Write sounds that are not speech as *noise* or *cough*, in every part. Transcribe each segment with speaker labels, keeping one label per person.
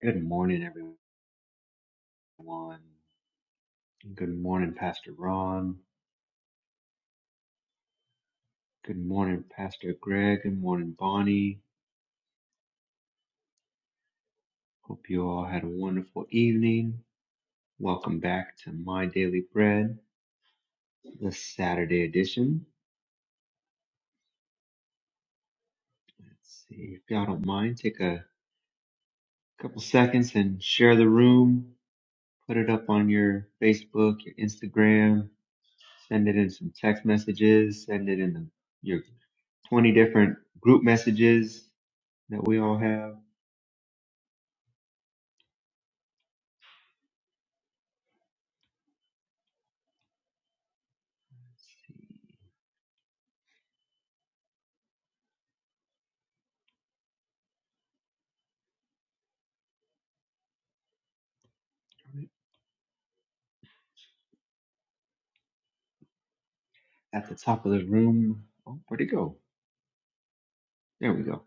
Speaker 1: Good morning, everyone. Good morning, Pastor Ron. Good morning, Pastor Greg. Good morning, Bonnie. Hope you all had a wonderful evening. Welcome back to My Daily Bread, the Saturday edition. Let's see if y'all don't mind, take a couple seconds and share the room. Put it up on your Facebook, your Instagram. Send it in some text messages. Send it in the, your 20 different group messages that we all have at the top of the room. Oh, where'd it go? There we go.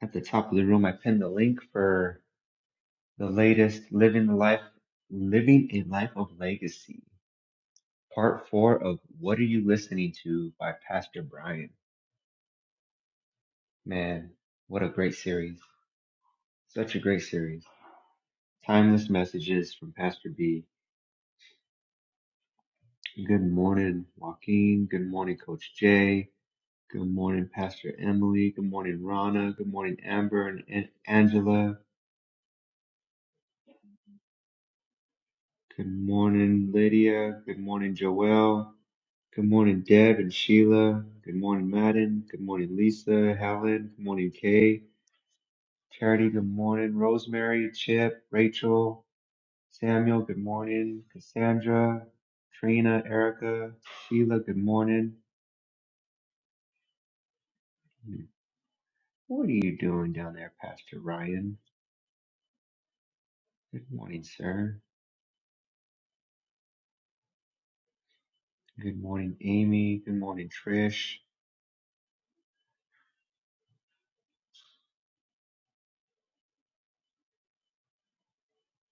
Speaker 1: At the top of the room, I pinned the link for the latest Living the Life, Living a Life of Legacy, part four of What Are You Listening to by Pastor Brian. Man, what a great series. Such a great series. Timeless messages from Pastor B. Good morning, Joaquin. Good morning, Coach Jay. Good morning, Pastor Emily. Good morning, Rana. Good morning, Amber and Angela. Good morning, Lydia. Good morning, Joelle. Good morning, Deb and Sheila. Good morning, Madden. Good morning, Lisa, Helen. Good morning, Kay. Charity, good morning. Rosemary, Chip, Rachel, Samuel, good morning. Cassandra, Trina, Erica, Sheila, good morning. What are you doing down there, Pastor Ryan? Good morning, sir. Good morning, Amy. Good morning, Trish.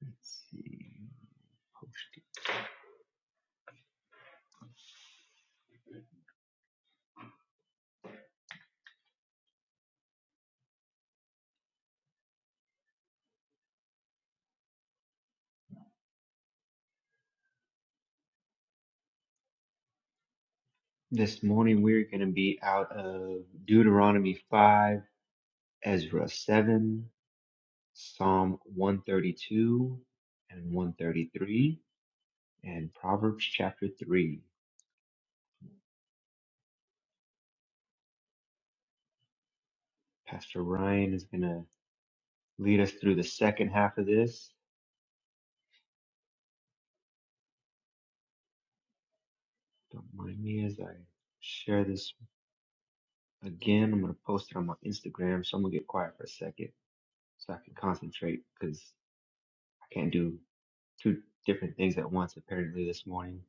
Speaker 1: Let's see. This morning we're going to be out of Deuteronomy 5, Ezra 7, Psalm 132 and 133, and Proverbs chapter 3. Pastor Ryan is going to lead us through the second half of this. Don't mind me as I share this again. I'm going to post it on my Instagram, so I'm going to get quiet for a second so I can concentrate because I can't do two different things at once apparently this morning.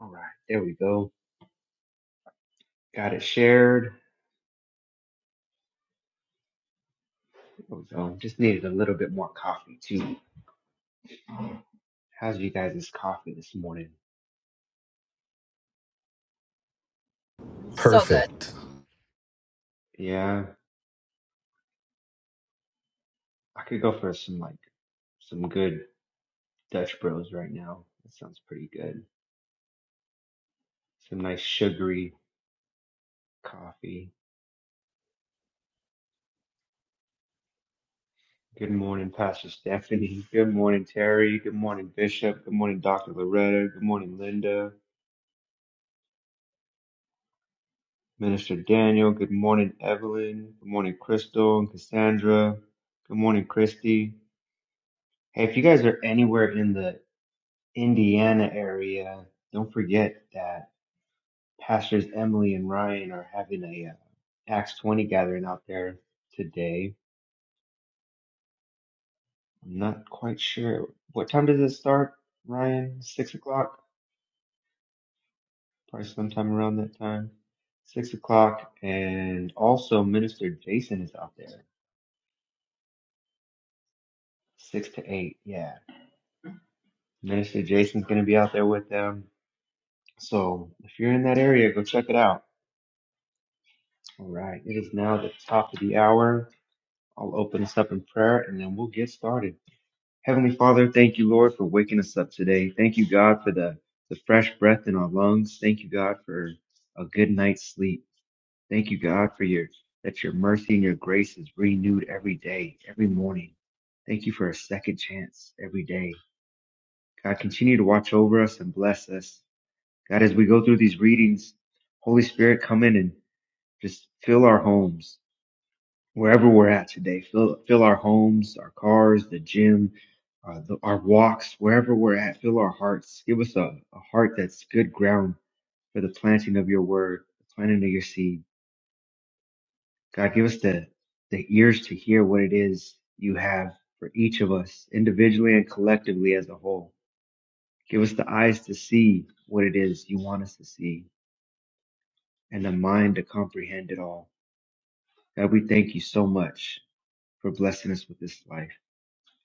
Speaker 1: All right, there we go. Got it shared. So just needed a little bit more coffee too. How's you guys' coffee this morning? Good
Speaker 2: So
Speaker 1: morning.
Speaker 2: good.
Speaker 3: Perfect.
Speaker 1: Yeah, I could go for some like some good Dutch Bros right now. That sounds pretty good. Some nice sugary coffee. Good morning, Pastor Stephanie. Good morning, Terry. Good morning, Bishop. Good morning, Dr. Loretta. Good morning, Linda. Minister Daniel. Good morning, Evelyn. Good morning, Crystal and Cassandra. Good morning, Christy. Hey, if you guys are anywhere in the Indiana area, don't forget that Pastors Emily and Ryan are having a uh, Acts 20 gathering out there today. I'm not quite sure. What time does it start, Ryan? Six o'clock? Probably sometime around that time. Six o'clock. And also, Minister Jason is out there. Six to eight. Yeah. Minister Jason's going to be out there with them. So if you're in that area, go check it out. All right. It is now the top of the hour. I'll open us up in prayer and then we'll get started. Heavenly Father, thank you, Lord, for waking us up today. Thank you, God, for the, the fresh breath in our lungs. Thank you, God, for a good night's sleep. Thank you, God, for your that your mercy and your grace is renewed every day, every morning. Thank you for a second chance every day. God, continue to watch over us and bless us. God, as we go through these readings, Holy Spirit, come in and just fill our homes. wherever we're at today. Fill, fill our homes, our cars, the gym, uh, the, our walks, wherever we're at. Fill our hearts. Give us a, a heart that's good ground for the planting of your word, the planting of your seed. God, give us the, the ears to hear what it is you have for each of us individually and collectively as a whole. Give us the eyes to see what it is you want us to see and the mind to comprehend it all. God, we thank you so much for blessing us with this life.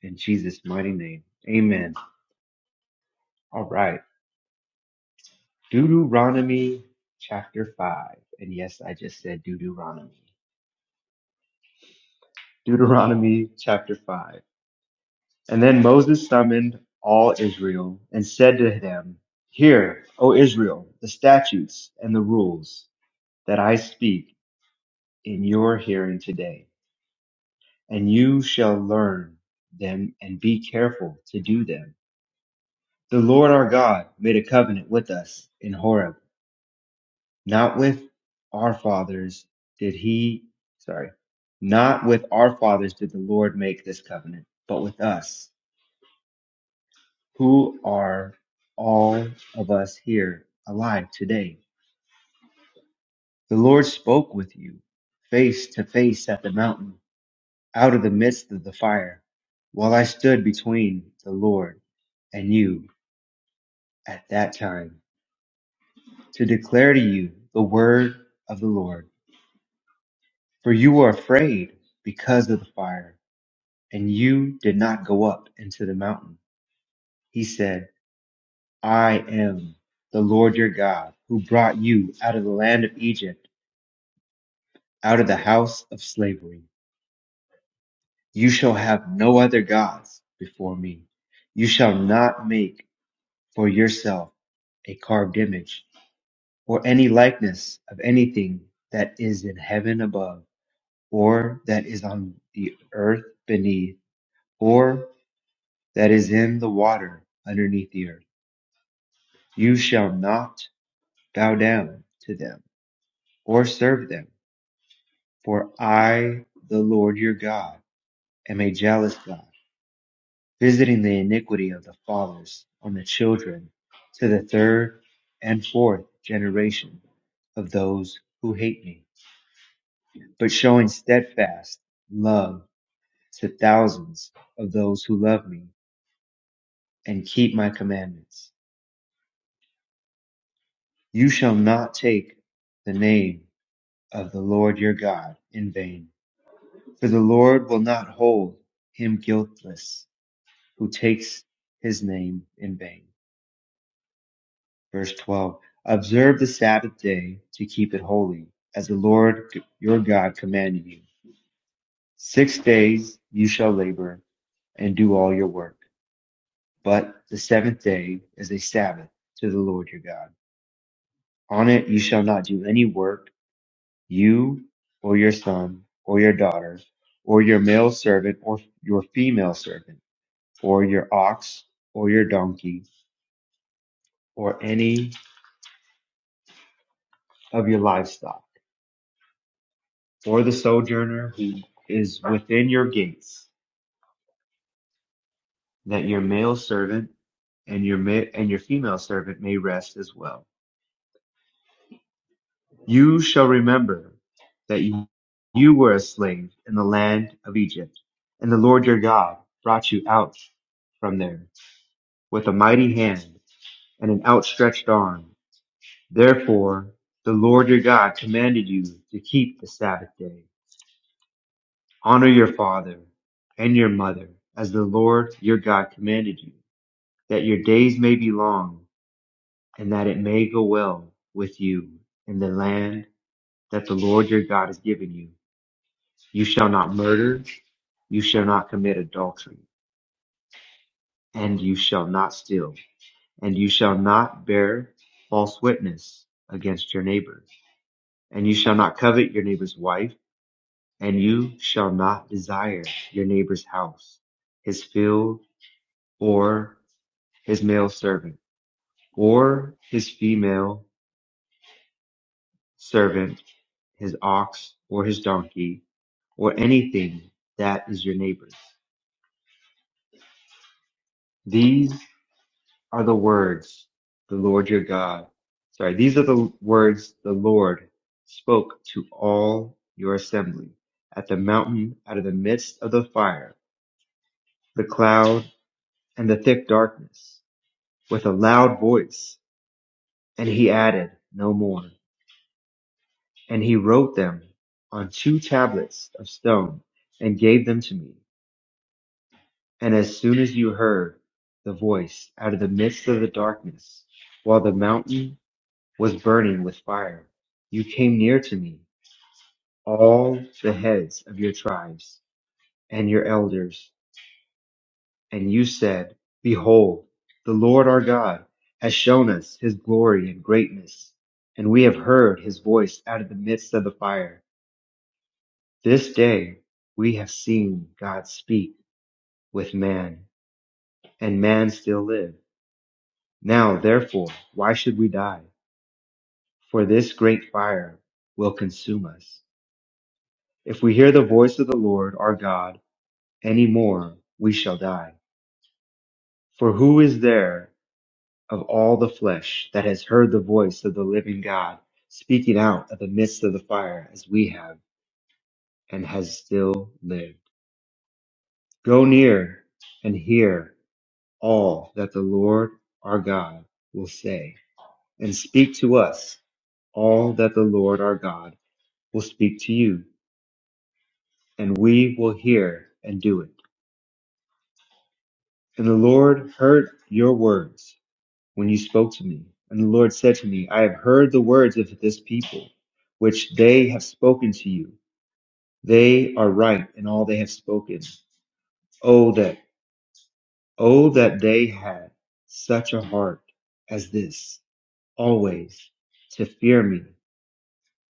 Speaker 1: In Jesus' mighty name. Amen. All right. Deuteronomy chapter 5. And yes, I just said Deuteronomy. Deuteronomy chapter 5. And then Moses summoned all Israel and said to them, Hear, O Israel, the statutes and the rules that I speak in your hearing today, and you shall learn them and be careful to do them. The Lord our God made a covenant with us in Horeb Not with our fathers did he, sorry, not with our fathers did the Lord make this covenant, but with us, who are all of us here alive today. The Lord spoke with you face to face at the mountain, out of the midst of the fire, while I stood between the Lord and you at that time, to declare to you the word of the Lord. For you were afraid because of the fire and you did not go up into the mountain. He said, I am the Lord your God who brought you out of the land of Egypt, out of the house of slavery. You shall have no other gods before me. You shall not make for yourself a carved image or any likeness of anything that is in heaven above or that is on the earth beneath or that is in the water underneath the earth. You shall not bow down to them or serve them. For I, the Lord your God, am a jealous God, visiting the iniquity of the fathers on the children to the third and fourth generation of those who hate me, but showing steadfast love to thousands of those who love me and keep my commandments. You shall not take the name of the Lord your God in vain For the Lord will not hold him guiltless who takes his name in vain. Verse 12. Observe the Sabbath day to keep it holy, as the Lord your God commanded you. Six days you shall labor and do all your work, but the seventh day is a Sabbath to the Lord your God. On it you shall not do any work, you or your son or your daughter or your male servant or your female servant for your ox or your donkey or any of your livestock, for the sojourner who is within your gates, that your male servant and your ma- and your female servant may rest as well. You shall remember that you, you were a slave in the land of Egypt, and the Lord your God brought you out from there with a mighty hand and an outstretched arm. Therefore, the Lord your God commanded you to keep the Sabbath day Honor your father and your mother, as the Lord your God commanded you, that your days may be long, and that it may go well with you in the land that the Lord your God has given you. You shall not murder, you shall not commit adultery, and you shall not steal, and you shall not bear false witness against your neighbor, and you shall not covet your neighbor's wife, and you shall not desire your neighbor's house, his field, or his male servant, or his female servant, his ox or his donkey, or anything that is your neighbor's. These are the words the Lord your God, sorry, these are the words the Lord spoke to all your assembly at the mountain out of the midst of the fire, the cloud and the thick darkness with a loud voice. And he added no more. And he wrote them on two tablets of stone and gave them to me. And as soon as you heard the voice out of the midst of the darkness, while the mountain was burning with fire, you came near to me, all the heads of your tribes and your elders. And you said, Behold, the Lord our God has shown us his glory and greatness, and we have heard his voice out of the midst of the fire. This day we have seen God speak with man, and man still live. Now, therefore, why should we die? For this great fire will consume us. If we hear the voice of the Lord our God any more, we shall die. For who is there of all the flesh that has heard the voice of the living God speaking out of the midst of the fire as we have and has still lived? Go near and hear all that the Lord our God will say, and speak to us all that the Lord our God will speak to you, and we will hear and do it. And the Lord heard your words when you spoke to me. And the Lord said to me, I have heard the words of this people, which they have spoken to you. They are right in all they have spoken. Oh, that, oh, that they had such a heart as this, always to fear me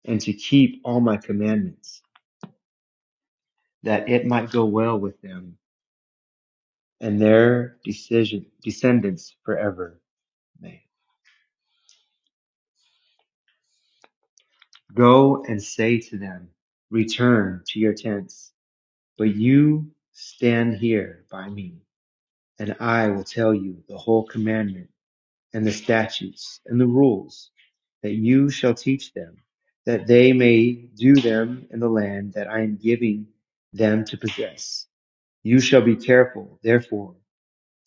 Speaker 1: and to keep all my commandments, that it might go well with them and their decision, descendants forever. May. Go and say to them, Return to your tents, but you stand here by me, and I will tell you the whole commandment and the statutes and the rules that you shall teach them, that they may do them in the land that I am giving them to possess. You shall be careful, therefore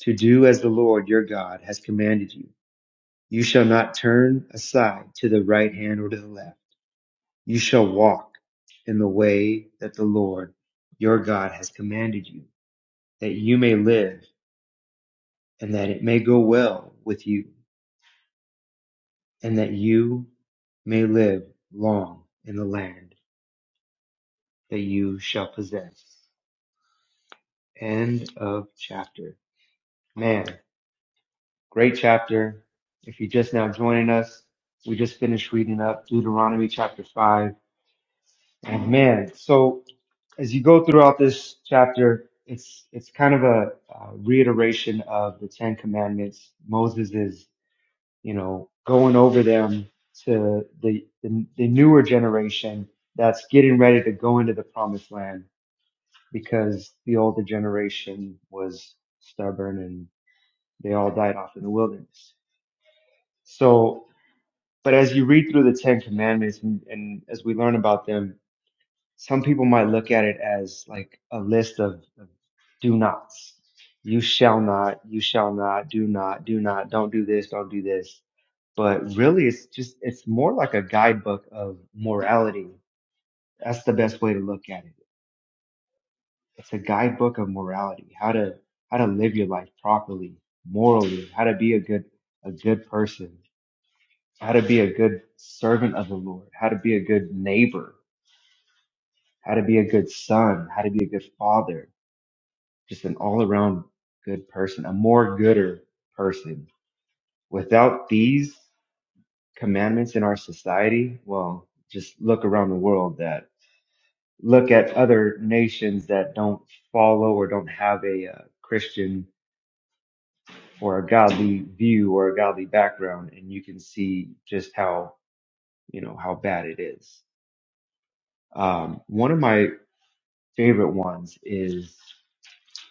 Speaker 1: to do as the Lord your God has commanded you. You shall not turn aside to the right hand or to the left. You shall walk in the way that the Lord your God has commanded you, that you may live and that it may go well with you and that you may live long in the land that you shall possess. End of chapter. Man, great chapter. If you're just now joining us, we just finished reading up Deuteronomy chapter 5 And man, so as you go throughout this chapter, it's it's kind of a, uh reiteration of the Ten Commandments. Moses is, you know, going over them to the, the the newer generation that's getting ready to go into the Promised Land because the older generation was stubborn and they all died off in the wilderness. So, but as you read through the Ten Commandments and, and as we learn about them, some people might look at it as like a list of, of do nots. You shall not, you shall not, do not, do not, don't do this, don't do this. But really, it's just, it's more like a guidebook of morality. That's the best way to look at it. It's a guidebook of morality, how to, how to live your life properly, morally, how to be a good, a good person, how to be a good servant of the Lord, how to be a good neighbor, how to be a good son, how to be a good father just an all around good person, a more gooder person. Without these commandments in our society, well, just look around the world that look at other nations that don't follow or don't have a uh, Christian or a godly view or a godly background, and you can see just how you know how bad it is. Um, one of my favorite ones is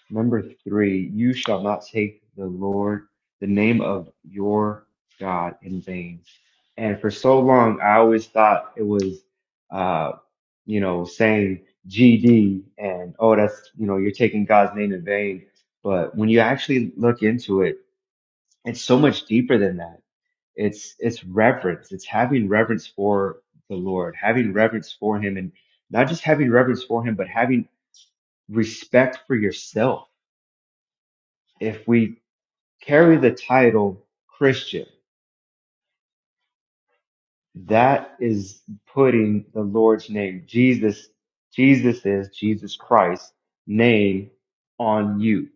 Speaker 1: Number three, you shall not take the Lord, the name of your God in vain. And for so long, I always thought it was, uh, you know, saying GD and, oh, that's, you know, you're taking God's name in vain. But when you actually look into it, it's so much deeper than that. It's, it's reverence. It's having reverence for the Lord, having reverence for him and not just having reverence for him, but having respect for yourself. If we carry the title Christian. That is putting the Lord's name, Jesus, Jesus is Jesus Christ name on you.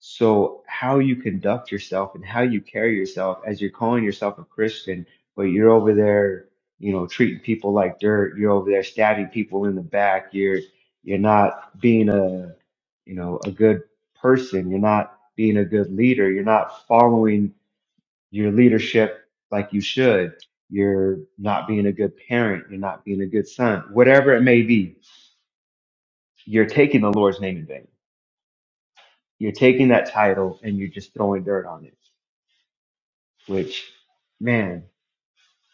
Speaker 1: So how you conduct yourself and how you carry yourself as you're calling yourself a Christian, but you're over there, you know, treating people like dirt. You're over there stabbing people in the back. You're, you're not being a, you know, a good person. You're not being a good leader. You're not following your leadership like you should. You're not being a good parent. You're not being a good son. Whatever it may be, you're taking the Lord's name in vain. You're taking that title and you're just throwing dirt on it, which, man,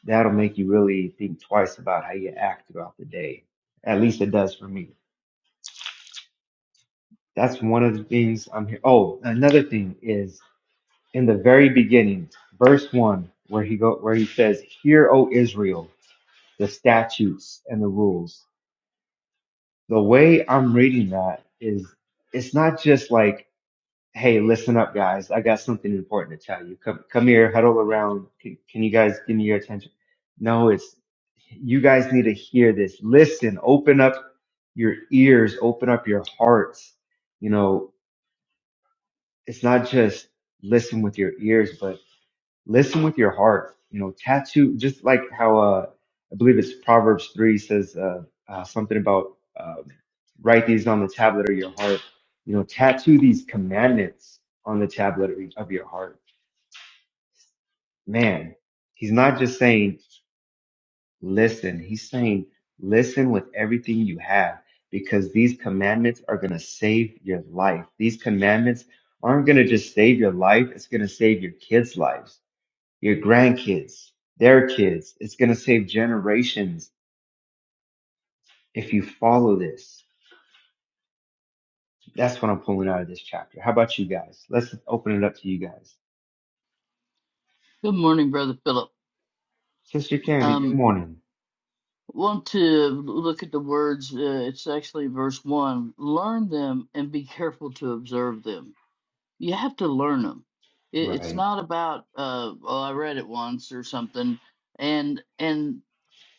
Speaker 1: that'll make you really think twice about how you act throughout the day. At least it does for me. That's one of the things I'm here. Oh, another thing is in the very beginning, verse one, where he go, where he says, "Hear, O Israel, the statutes and the rules." the way I'm reading that is it's not just like, hey, listen up, guys. I got something important to tell you. Come, come here, huddle around. Can, can you guys give me your attention? No, it's you guys need to hear this. Listen, open up your ears, open up your hearts. You know, it's not just listen with your ears, but listen with your heart you know tattoo just like how uh i believe it's proverbs 3 says uh, uh something about um, write these on the tablet of your heart you know tattoo these commandments on the tablet of of your heart man he's not just saying listen he's saying listen with everything you have because these commandments are going to save your life these commandments aren't going to just save your life it's going to save your kids lives your grandkids, their kids. It's going to save generations if you follow this. That's what I'm pulling out of this chapter. How about you guys? Let's open it up to you guys.
Speaker 4: Good morning, Brother Philip.
Speaker 1: Sister Candy, good
Speaker 4: Um,
Speaker 1: morning.
Speaker 4: want to look at the words. Uh, it's actually verse one. Learn them and be careful to observe them. You have to learn them. It, it's
Speaker 1: Right.
Speaker 4: not about uh, well, I read it once or something, and and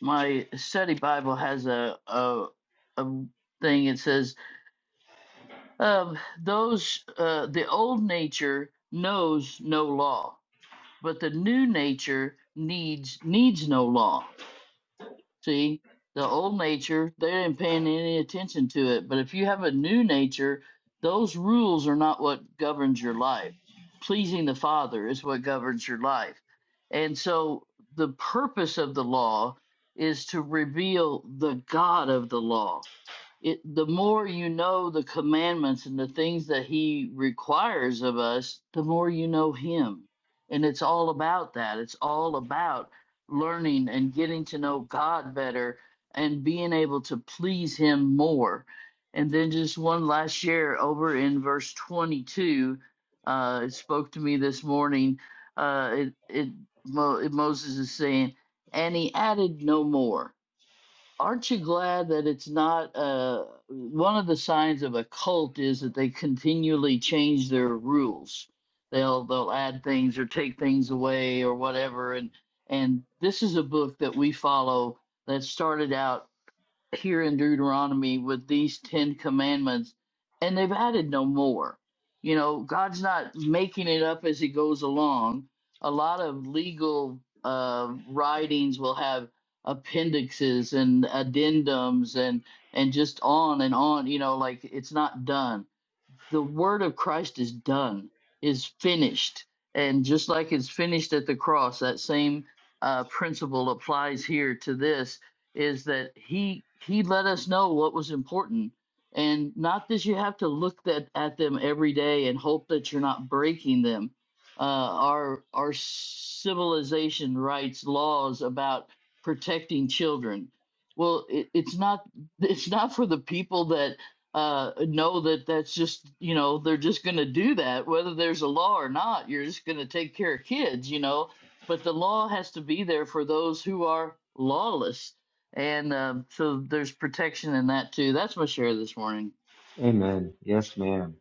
Speaker 4: my study Bible has a a, a thing. It says um, those uh, the old nature knows no law, but the new nature needs needs no law See, the old nature, they didn't pay any attention to it. But if you have a new nature, those rules are not what governs your life. Pleasing the Father is what governs your life. And so the purpose of the law is to reveal the God of the law. It, the more you know the commandments and the things that He requires of us, the more you know Him. And it's all about that. It's all about learning and getting to know God better and being able to please Him more. And then just one last year over in verse 22, uh, it spoke to me this morning. Uh, it, it, Mo, Moses is saying, and he added no more. Aren't you glad that it's not uh, one of the signs of a cult is that they continually change their rules. They'll they'll add things or take things away or whatever and and this is a book that we follow that started out here in Deuteronomy with these 10 commandments, and they've added no more. You know, God's not making it up as he goes along. A lot of legal uh, writings will have appendixes and addendums and and just on and on you know like it's not done the word of Christ is done, is finished. And just like it's finished at the cross, that same uh, principle applies here to this is that he he let us know what was important and not that you have to look that at them every day and hope that you're not breaking them uh, our our civilization writes laws about protecting children well it, it's not *laughs* it's not for the people that uh, know that that's just you know they're just going to do that whether there's a law or not you're just going to take care of kids you know but the law has to be there for those who are lawless and um, so there's protection in that too that's my share this morning
Speaker 1: Amen. Yes, ma'am.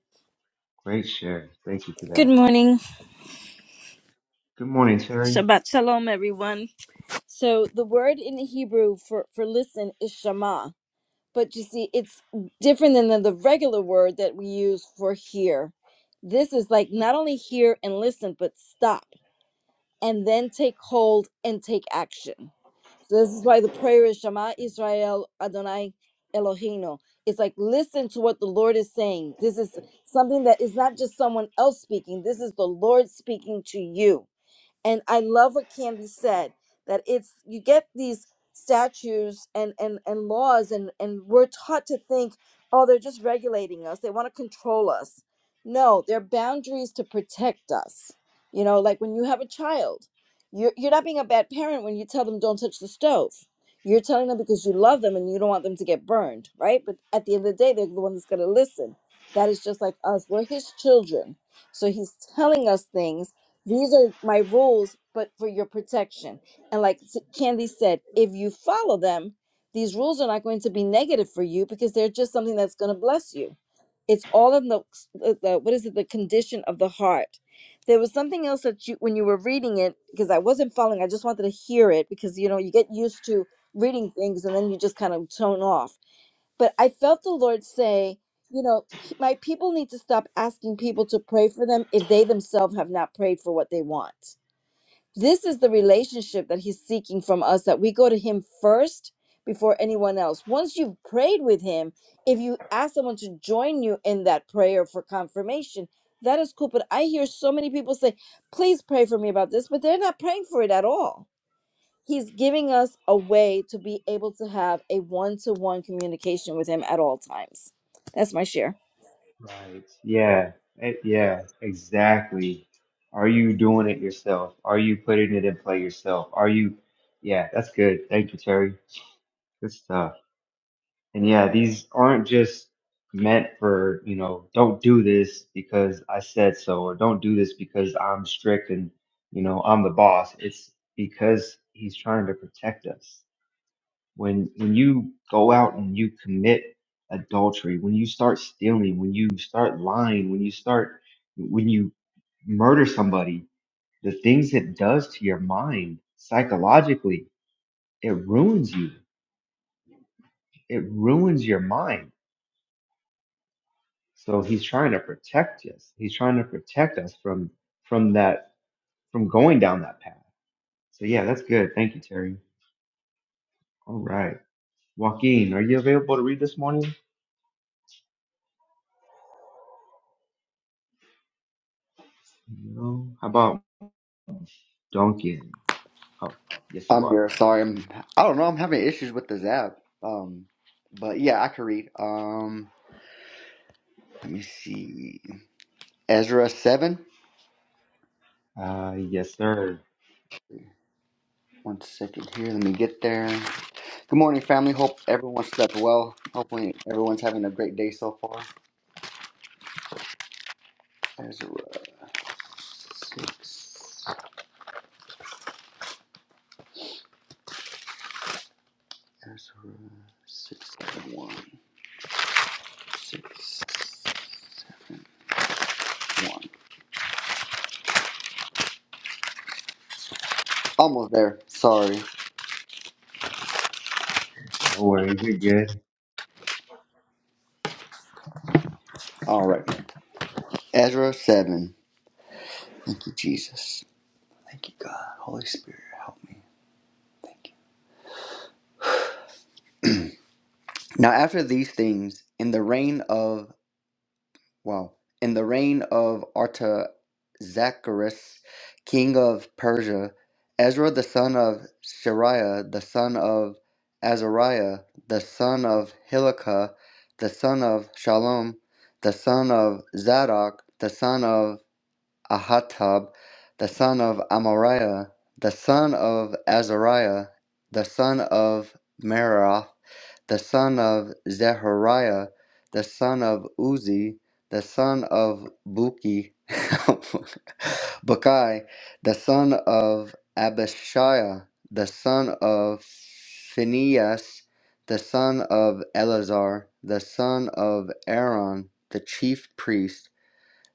Speaker 1: Great share. Thank you for
Speaker 5: Good
Speaker 1: that.
Speaker 5: morning.
Speaker 1: Good morning, Terry.
Speaker 5: Shabbat shalom, everyone. So the word in the Hebrew for, for listen is shama, but you see, it's different than the, the regular word that we use for hear. This is like not only hear and listen, but stop and then take hold and take action. So this is why the prayer is Shama Israel Adonai Eloheinu. It's like listen to what the Lord is saying. This is something that is not just someone else speaking. This is the Lord speaking to you and i love what candy said that it's you get these statutes and and and laws and and we're taught to think oh they're just regulating us they want to control us no they're boundaries to protect us you know like when you have a child you're, you're not being a bad parent when you tell them don't touch the stove you're telling them because you love them and you don't want them to get burned right but at the end of the day they're the one that's going to listen that is just like us we're his children so he's telling us things these are my rules, but for your protection. And like S- Candy said, if you follow them, these rules are not going to be negative for you because they're just something that's going to bless you. It's all in the, the, the- what is it, the condition of the heart. There was something else that you, when you were reading it, because I wasn't following, I just wanted to hear it because, you know, you get used to reading things and then you just kind of tone off but I felt the Lord say, you know, p- my people need to stop asking people to pray for them if they themselves have not prayed for what they want. This is the relationship that He's seeking from us that we go to Him first before anyone else. Once you've prayed with Him, if you ask someone to join you in that prayer for confirmation, that is cool. But I hear so many people say, please pray for me about this, but they're not praying for it at all he's giving us a way to be able to have a one-to-one communication with him at all times. That's my share.
Speaker 1: Right. Yeah. Eh, Yeah, exactly. Are you doing it yourself? Are you putting it in play yourself? Are you? Yeah, that's good. Thank you, Terry. Good stuff. And yeah, these aren't just meant for, you know, don't do this because I said so, or don't do this because I'm strict and, you know, I'm the boss. It's because he's trying to protect us. When when you go out and you commit adultery, when you start stealing, when you start lying, when you start when you murder somebody, the things it does to your mind psychologically, it ruins you. It ruins your mind So he's trying to protect us. He's trying to protect us from from that from going down that path. So yeah, that's good. Thank you, Terry. All right. Joaquin, are you available to read this morning? No. How about Duncan? Oh, yes you
Speaker 6: I'm
Speaker 1: are.
Speaker 6: here. Sorry, I'm. I don't know. I'm having issues with this app. Um, but yeah, I can read. Um, let me see. Ezra seven.
Speaker 1: Uh yes, sir.
Speaker 6: One second here. Let me get there. Good morning, family. Hope everyone slept well. Hopefully, everyone's having a great day so far. Ezra six. Ezra six seven one six seven one. Almost there. Sorry.
Speaker 1: No worries, you're good.
Speaker 6: All right. Ezra seven. Thank you, Jesus. Thank you, God. Holy Spirit, help me. Thank you. Now, after these things, in the reign of, well, in the reign of Artaxerxes, king of Persia, Ezra the son of Shariah, the son of Azariah, the son of Hilkiah, the son of Shalom, the son of Zadok, the son of Ahatab, the son of Amariah, the son of Azariah, the son of Merath, the son of Zechariah, the son of Uzi, the son of Buki, *laughs* Bukai, the son of Abishiah, the son of Phinehas, the son of Eleazar, the son of Aaron, the chief priest,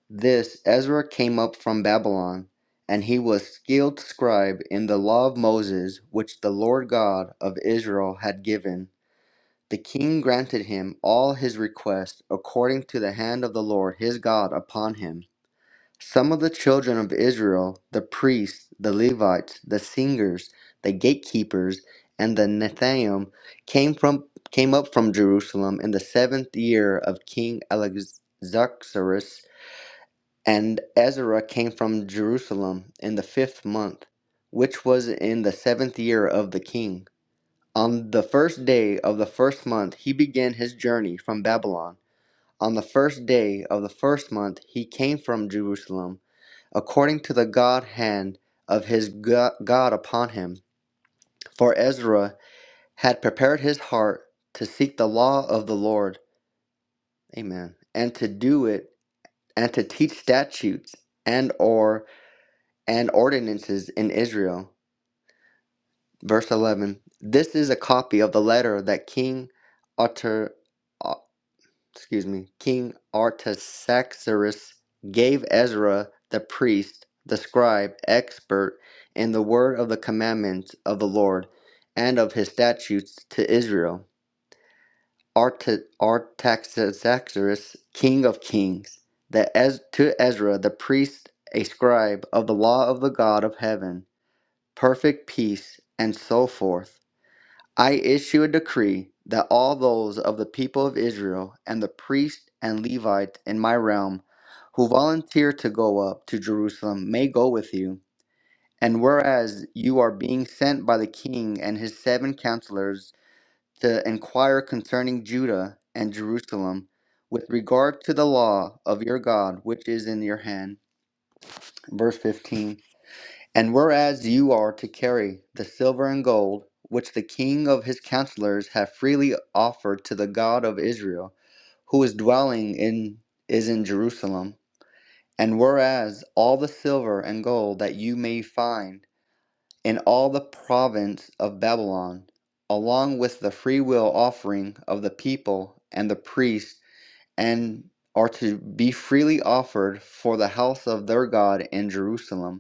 Speaker 6: this Ezra came up from Babylon, and he was skilled scribe in the law of Moses, which the Lord God of Israel had given. The king granted him all his requests according to the hand of the Lord his God upon him. Some of the children of Israel, the priests, the Levites, the singers, the gatekeepers, and the Nethaim, came from came up from Jerusalem in the seventh year of King Alexerxes and Ezra came from Jerusalem in the fifth month, which was in the seventh year of the king. On the first day of the first month he began his journey from Babylon. On the first day of the first month he came from Jerusalem, according to the God hand of his God upon him. For Ezra had prepared his heart to seek the law of the Lord. Amen. And to do it, and to teach statutes and or and ordinances in Israel. Verse 11. This is a copy of the letter that King Arter, uh, excuse me, King Artaxerxes gave Ezra the priest, the scribe, expert in the word of the commandments of the Lord and of his statutes to Israel. Arta- Artaxerxes, king of kings, that Ez- to Ezra the priest, a scribe of the law of the God of heaven perfect peace, and so forth, I issue a decree that all those of the people of Israel and the priests and Levites in my realm who volunteer to go up to Jerusalem may go with you. And whereas you are being sent by the king and his seven counselors to inquire concerning Judah and Jerusalem with regard to the law of your God which is in your hand, verse 15. And whereas you are to carry the silver and gold, which the king of his counselors have freely offered to the God of Israel, who is dwelling in is in Jerusalem, and whereas all the silver and gold that you may find in all the province of Babylon, along with the freewill offering of the people and the priests, and are to be freely offered for the house of their God in Jerusalem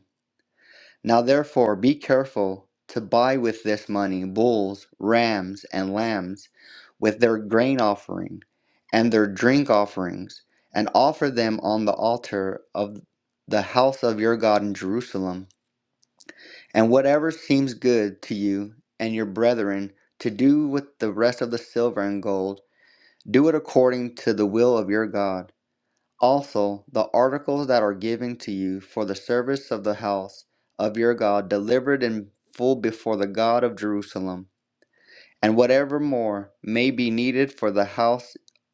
Speaker 6: now therefore be careful to buy with this money bulls, rams, and lambs, with their grain offering and their drink offerings, and offer them on the altar of the house of your God in Jerusalem. And whatever seems good to you and your brethren to do with the rest of the silver and gold, do it according to the will of your God. Also, the articles that are given to you for the service of the house of your God, delivered in full before the God of Jerusalem, and whatever more may be needed for the house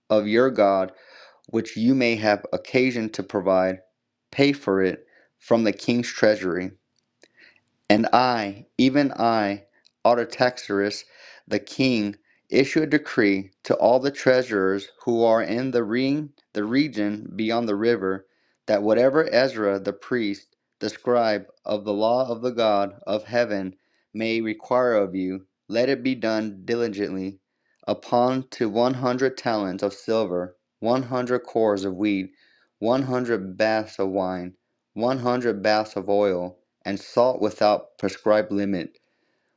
Speaker 6: of your God, which you may have occasion to provide, pay for it from the king's treasury. And I, even I, Artaxerxes, the king, issue a decree to all the treasurers who are in the, re- the region beyond the river, that whatever Ezra the priest, the scribe of the law of the God of heaven, may require of you, let it be done diligently, upon to one hundred talents of silver, one hundred cores of wheat, one hundred baths of wine, one hundred baths of oil and salt without prescribed limit.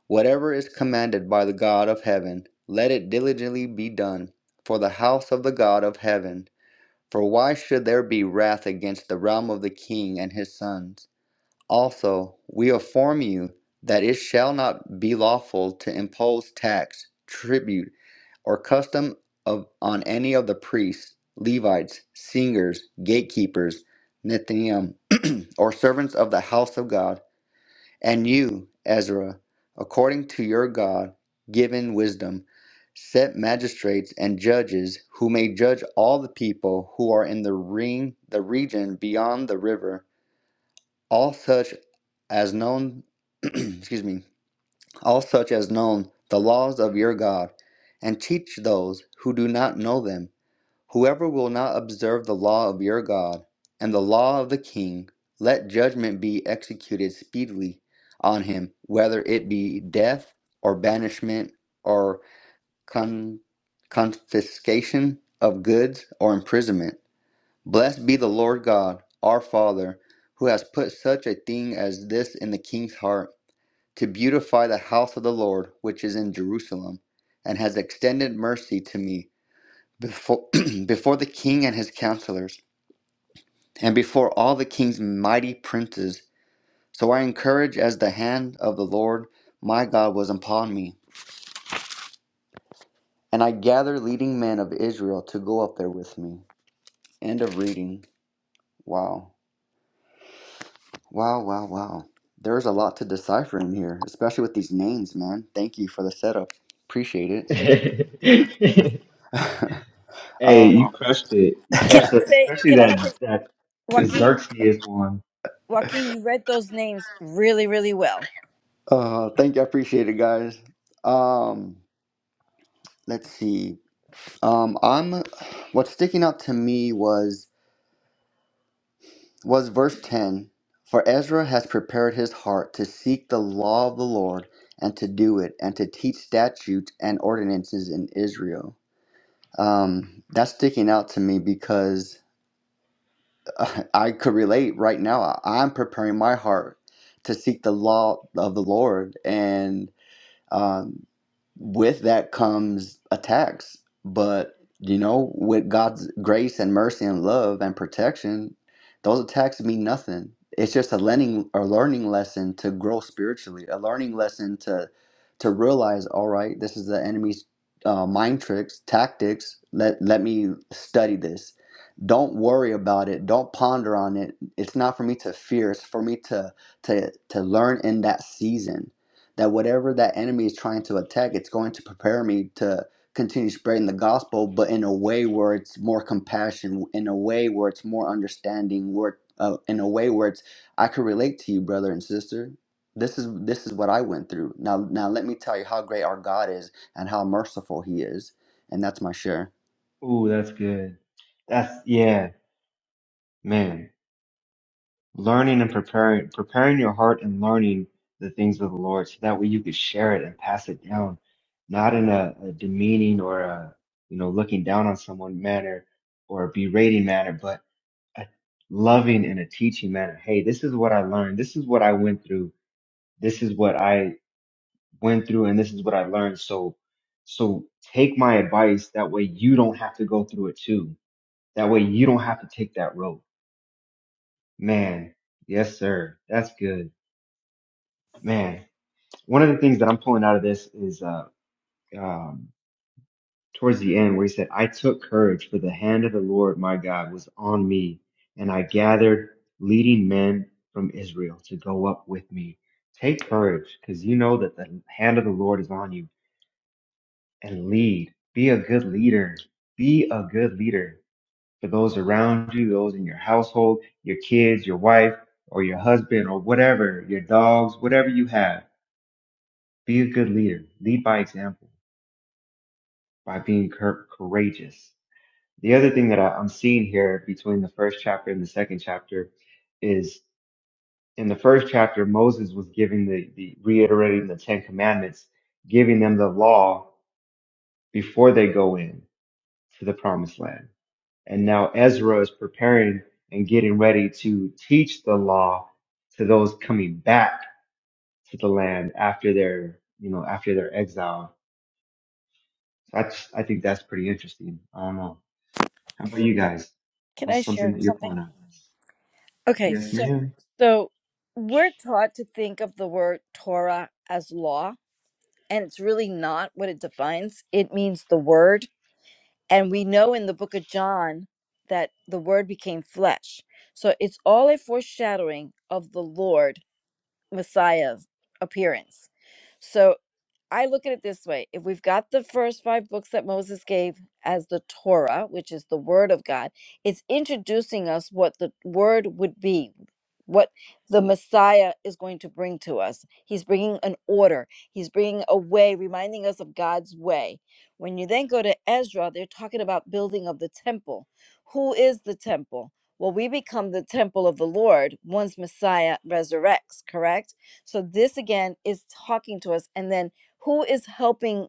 Speaker 6: Whatever is commanded by the God of heaven, let it diligently be done for the house of the God of heaven. For why should there be wrath against the realm of the king and his sons? Also, we inform you that it shall not be lawful to impose tax, tribute, or custom of, on any of the priests, Levites, singers, gatekeepers, Nethinim, or servants of the house of God and you, Ezra, according to your God given wisdom, set magistrates and judges who may judge all the people who are in the ring the region beyond the river, all such as known *clears throat* excuse me, all such as known the laws of your God, and teach those who do not know them. Whoever will not observe the law of your God, and the law of the king, let judgment be executed speedily on him, whether it be death, or banishment, or con- confiscation of goods, or imprisonment. Blessed be the Lord God, our Father, who has put such a thing as this in the king's heart, to beautify the house of the Lord which is in Jerusalem, and has extended mercy to me before, *clears throat* before the king and his counselors, and before all the king's mighty princes. So I encourage as the hand of the Lord my God was upon me. And I gather leading men of Israel to go up there with me. End of reading. Wow. Wow, wow, wow. There's a lot to decipher in here, especially with these names, man. Thank you for the setup. Appreciate it.
Speaker 1: *laughs* hey,
Speaker 6: Uh,
Speaker 1: you crushed it. You
Speaker 5: Can
Speaker 1: crushed it,
Speaker 5: I say?
Speaker 1: especially
Speaker 5: Can I say,
Speaker 1: that that
Speaker 5: Joaquin?
Speaker 1: Xerxes one.
Speaker 5: Joaquin, you read those names really, really well.
Speaker 6: uh, thank you. I appreciate it, guys. Um, let's see. Um, I'm. What's sticking out to me was was verse 10 For Ezra has prepared his heart to seek the law of the Lord and to do it and to teach statutes and ordinances in Israel. Um, that's sticking out to me because *laughs* uh, I could relate right now. I- I'm preparing my heart to seek the law of the Lord. And um, with that comes attacks, but you know, with God's grace and mercy and love and protection, those attacks mean nothing. It's just a learning a learning lesson to grow spiritually, a learning lesson to to realize, all right, this is the enemy's uh, mind tricks, tactics. Let let me study this. Don't worry about it. Don't ponder on it. It's not for me to fear. It's for me to to to learn in that season that whatever that enemy is trying to attack, it's going to prepare me to continue spreading the gospel, but in a way where it's more compassion, in a way where it's more understanding, where uh, in a way where it's I can relate to you, brother and sister. This is this is what I went through. Now now let me tell you how great our God is and how merciful He is, and that's my share.
Speaker 1: Ooh, that's good. That's yeah, man. learning and preparing preparing your heart and learning the things of the Lord so that way you could share it and pass it down, not in a, a demeaning or a you know looking down on someone manner or a berating manner, but a loving and a teaching manner. Hey, this is what I learned. This is what I went through. This is what I went through and this is what I learned. So so take my advice that way you don't have to go through it too. That way you don't have to take that road. Man, yes sir. That's good. Man, one of the things that I'm pulling out of this is uh, um, towards the end where he said, I took courage, for the hand of the Lord my God was on me, and I gathered leading men from Israel to go up with me. Take courage, because you know that the hand of the Lord is on you, and lead. Be a good leader. Be a good leader for those around you, those in your household, your kids, your wife, or your husband, or whatever, your dogs, whatever you have. Be a good leader. Lead by example by being cour- courageous. The other thing that I, I'm seeing here between the first chapter and the second chapter is in the first chapter, Moses was giving the, the reiterating the Ten Commandments, giving them the law before they go in to the promised land. And now Ezra is preparing and getting ready to teach the law to those coming back to the land after their, you know, after their exile. So I, just, I think that's pretty interesting. I don't know. How about you guys?
Speaker 5: Can I
Speaker 1: What's something
Speaker 5: share
Speaker 1: that you're pulling
Speaker 5: something?
Speaker 1: out of this?
Speaker 5: Okay,
Speaker 1: Yes,
Speaker 5: so
Speaker 1: ma'am.
Speaker 5: so we're taught to think of the word Torah as law, and it's really not what it defines. It means the word, and we know in the book of John that the word became flesh. So it's all a foreshadowing of the Lord Messiah appearance. So I look at it this way if we've got the first five books that Moses gave as the Torah, which is the Word of God, it's introducing us what the Word would be, what the Messiah is going to bring to us. He's bringing an order, he's bringing a way, reminding us of God's way. When you then go to Ezra, they're talking about building of the temple. Who is the temple? Well, we become the temple of the Lord once Messiah resurrects, correct? So, this again is talking to us. And then who is helping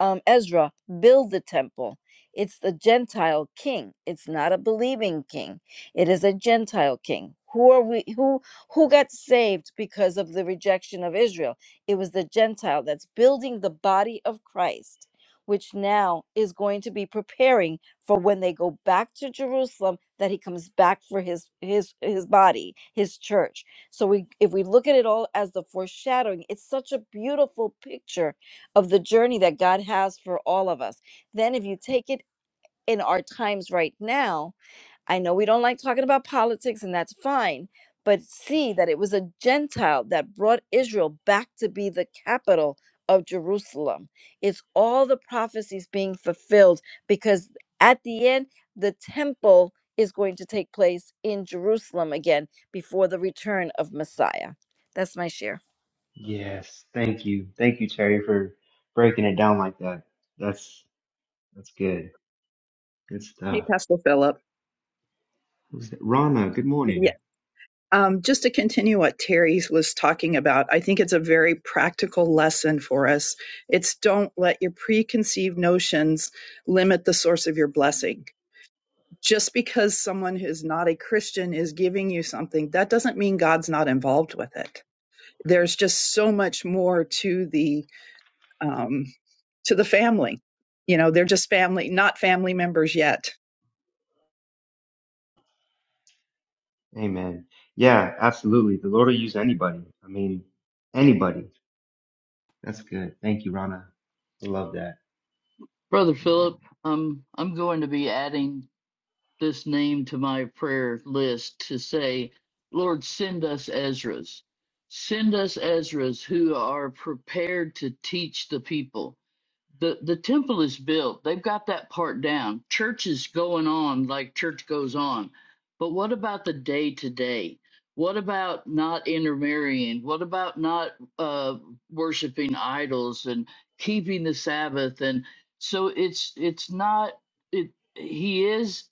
Speaker 5: um, Ezra build the temple? It's the Gentile king. It's not a believing king. It is a Gentile king. Who are we? Who who got saved because of the rejection of Israel? It was the Gentile that's building the body of Christ, which now is going to be preparing for when they go back to Jerusalem that he comes back for his his his body, his church so we if we look at it all as the foreshadowing, it's such a beautiful picture of the journey that God has for all of us. Then if you take it in our times right now, I know we don't like talking about politics, and that's fine, but see that it was a Gentile that brought Israel back to be the capital of Jerusalem. It's all the prophecies being fulfilled because at the end, the temple is going to take place in Jerusalem again before the return of Messiah. That's my share.
Speaker 1: Yes. Thank you. Thank you, Terry, for breaking it down like that. That's that's good. Good
Speaker 7: Hey,
Speaker 1: stuff.
Speaker 7: Pastor Philip.
Speaker 1: Who's that? Rana, good morning.
Speaker 7: Yeah. Um, just to continue what Terry was talking about, I think it's a very practical lesson for us. It's don't let your preconceived notions limit the source of your blessing. Just because someone who's not a Christian is giving you something, that doesn't mean God's not involved with it. There's just so much more to the um, to the family. You know, they're just family, not family members yet.
Speaker 1: Amen. Yeah, absolutely. The Lord will use anybody. I mean, anybody. That's good. Thank you, Rana. I love that.
Speaker 4: brother philip um, i'm going to be adding this name to my prayer list to say lord send us ezras send us ezras who are prepared to teach the people the the temple is built they've got that part down church is going on like church goes on but what about the day to day what about not intermarrying what about not uh worshiping idols and keeping the sabbath and so it's it's not it he is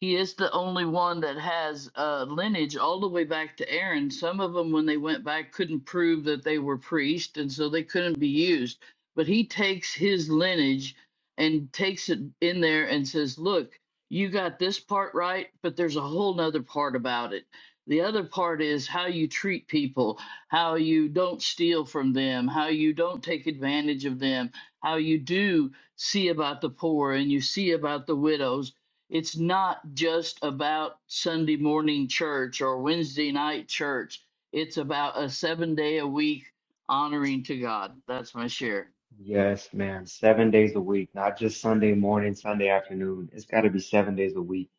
Speaker 4: he is the only one that has uh, lineage all the way back to Aaron. Some of them, when they went back, couldn't prove that they were priests, and so they couldn't be used but he takes his lineage and takes it in there and says, look, you got this part right, but there's a whole nother part about it. The other part is how you treat people, how you don't steal from them, how you don't take advantage of them, how you do see about the poor and you see about the widows. It's not just about Sunday morning church or Wednesday night church. It's about a seven day a week honoring to God. That's my share.
Speaker 1: Yes, ma'am. Seven days a week, not just Sunday morning, Sunday afternoon. It's got to be seven days a week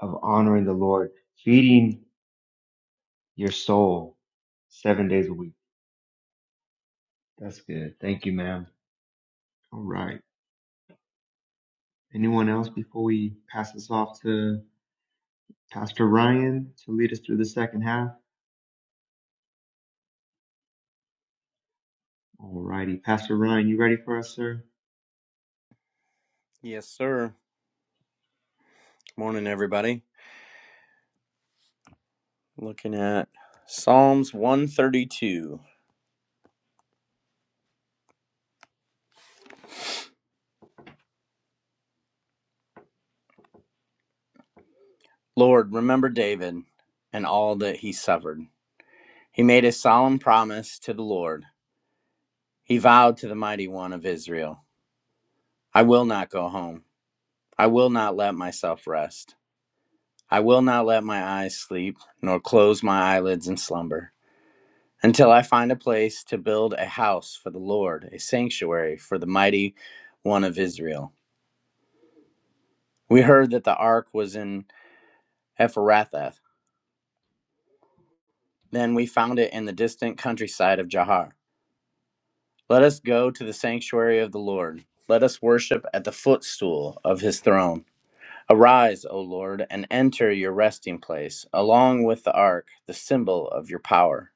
Speaker 1: of honoring the Lord, feeding your soul seven days a week. That's good. Thank you, ma'am. All right. Anyone else before we pass this off to Pastor Ryan to lead us through the second half? All righty. Pastor Ryan, you ready for us, sir?
Speaker 8: Yes, sir. Morning, everybody. Looking at Psalms 132. Lord, remember David and all that he suffered. He made a solemn promise to the Lord. He vowed to the mighty one of Israel I will not go home. I will not let myself rest. I will not let my eyes sleep, nor close my eyelids in slumber, until I find a place to build a house for the Lord, a sanctuary for the mighty one of Israel. We heard that the ark was in Ephrathath. Then we found it in the distant countryside of Jahar. Let us go to the sanctuary of the Lord. Let us worship at the footstool of his throne. Arise, O Lord, and enter your resting place, along with the ark, the symbol of your power.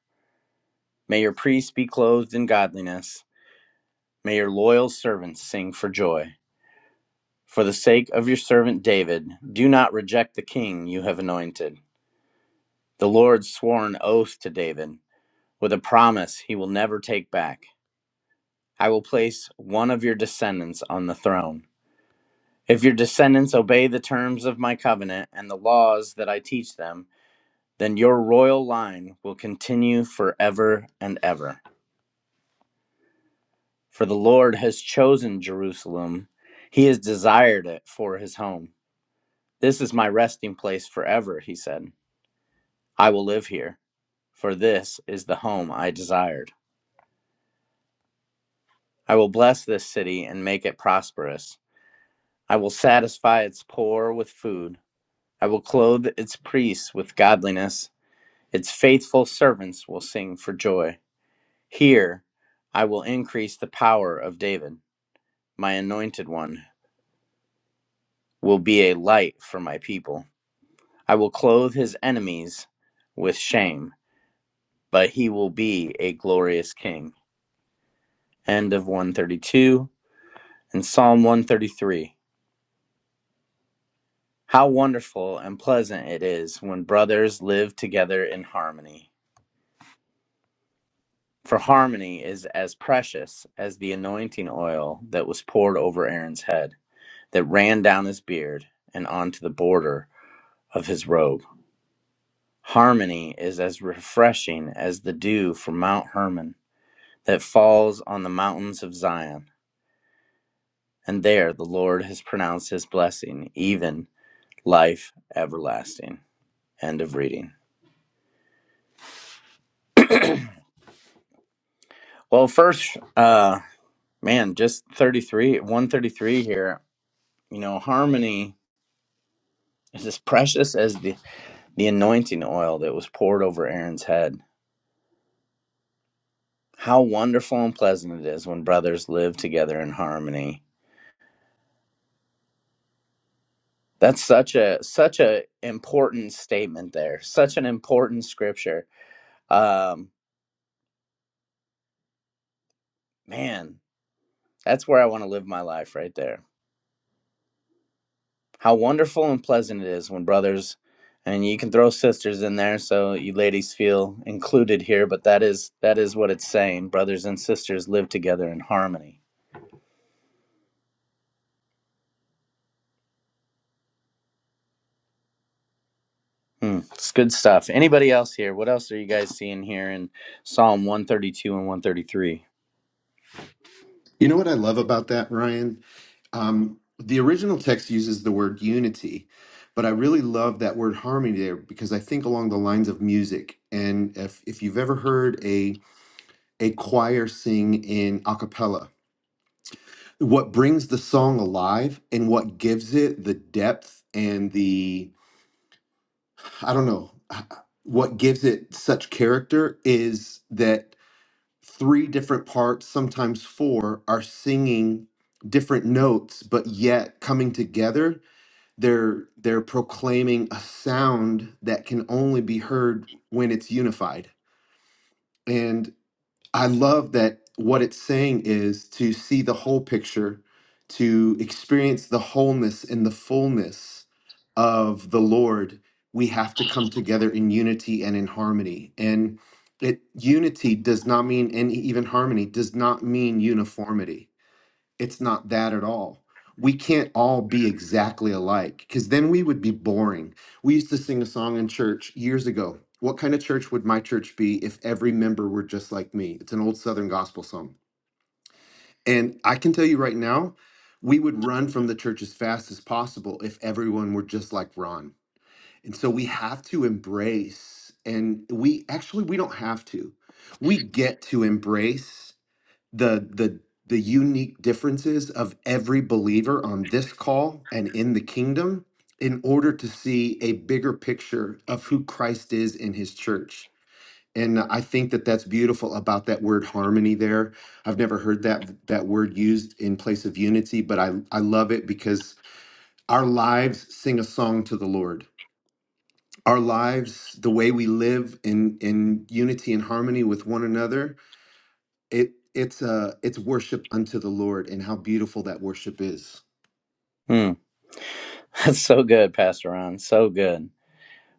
Speaker 8: May your priests be clothed in godliness. May your loyal servants sing for joy. For the sake of your servant David, do not reject the king you have anointed. The Lord swore an oath to David with a promise he will never take back. I will place one of your descendants on the throne. If your descendants obey the terms of my covenant and the laws that I teach them, then your royal line will continue forever and ever. For the Lord has chosen Jerusalem, he has desired it for his home. This is my resting place forever, he said. I will live here, for this is the home I desired. I will bless this city and make it prosperous. I will satisfy its poor with food I will clothe its priests with godliness. Its faithful servants will sing for joy. Here I will increase the power of David. My anointed one will be a light for my people. I will clothe his enemies with shame, but he will be a glorious king. End of 132 and Psalm 133. How wonderful and pleasant it is when brothers live together in harmony. For harmony is as precious as the anointing oil that was poured over Aaron's head, that ran down his beard and onto the border of his robe. Harmony is as refreshing as the dew from Mount Hermon that falls on the mountains of Zion. And there the Lord has pronounced his blessing, even life everlasting. End of reading. Well, first, uh, man, just 33, 133 here. You know, harmony is as precious as the the anointing oil that was poured over Aaron's head. How wonderful and pleasant it is when brothers live together in harmony. That's such a such a important statement there. Such an important scripture. Um, man, that's where I want to live my life right there. How wonderful and pleasant it is when brothers and you can throw sisters in there so you ladies feel included here, but that is that is what it's saying. Brothers and sisters live together in harmony Hmm, it's good stuff. Anybody else here? What else are you guys seeing here in Psalm 132 and 133?
Speaker 3: You know what I love about that, Ryan? Um, the original text uses the word unity, but I really love that word harmony there because I think along the lines of music. And if, if you've ever heard a, a choir sing in a cappella, what brings the song alive and what gives it the depth and the, I don't know, what gives it such character is that three different parts, sometimes four, are singing different notes, but yet coming together, they're they're proclaiming a sound that can only be heard when it's unified. And. I love that what it's saying is to see the whole picture, to experience the wholeness and the fullness of the Lord. We have to come together in unity and in harmony. And it unity does not mean and even harmony does not mean uniformity it's not that at all. We can't all be exactly alike because then we would be boring. We used to sing a song in church years ago. What kind of church would my church be if every member were just like me? It's an old Southern gospel song. And I can tell you right now, we would run from the church as fast as possible if everyone were just like Ron. And so we have to embrace, and we actually, we don't have to. We get to embrace the the the unique differences of every believer on this call and in the kingdom in order to see a bigger picture of who Christ is in his church. And I think that that's beautiful about that word harmony there. I've never heard that that word used in place of unity, but I I love it because our lives sing a song to the Lord. Our lives, the way we live in in unity and harmony with one another, it it's uh it's worship unto the lord and how beautiful that worship is
Speaker 8: Hmm, *laughs* that's so good, Pastor Ron. So good.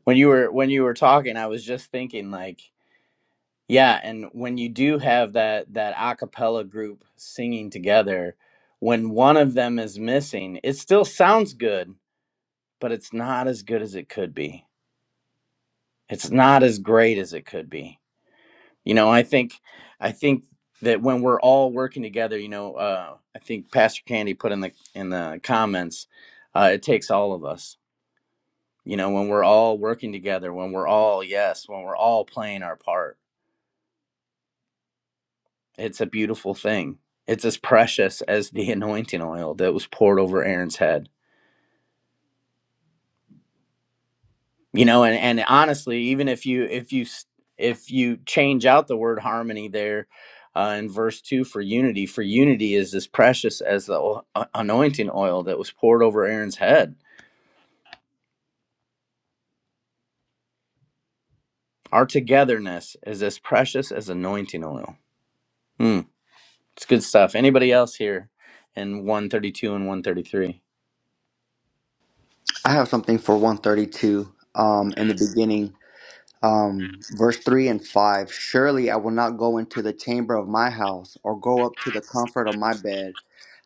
Speaker 8: When you were when you were talking, I was just thinking like, yeah, and when you do have that that a cappella group singing together, when one of them is missing, it still sounds good, but it's not as good as it could be. It's not as great as it could be you know i think i think that when we're all working together you know uh, i think pastor candy put in the in the comments uh, it takes all of us you know when we're all working together when we're all yes when we're all playing our part it's a beautiful thing it's as precious as the *laughs* anointing oil that was poured over aaron's head you know and and honestly even if you if you s- if you change out the word harmony there uh, in verse 2 for unity for unity is as precious as the o- a- anointing oil that was poured over aaron's head our togetherness is as precious as anointing oil Hmm, it's good stuff anybody else here in 132 and 133
Speaker 6: I have something for 132. Um, in the beginning. um, verse 3 and 5 Surely I will not go into the chamber of my house, or go up to the comfort of my bed.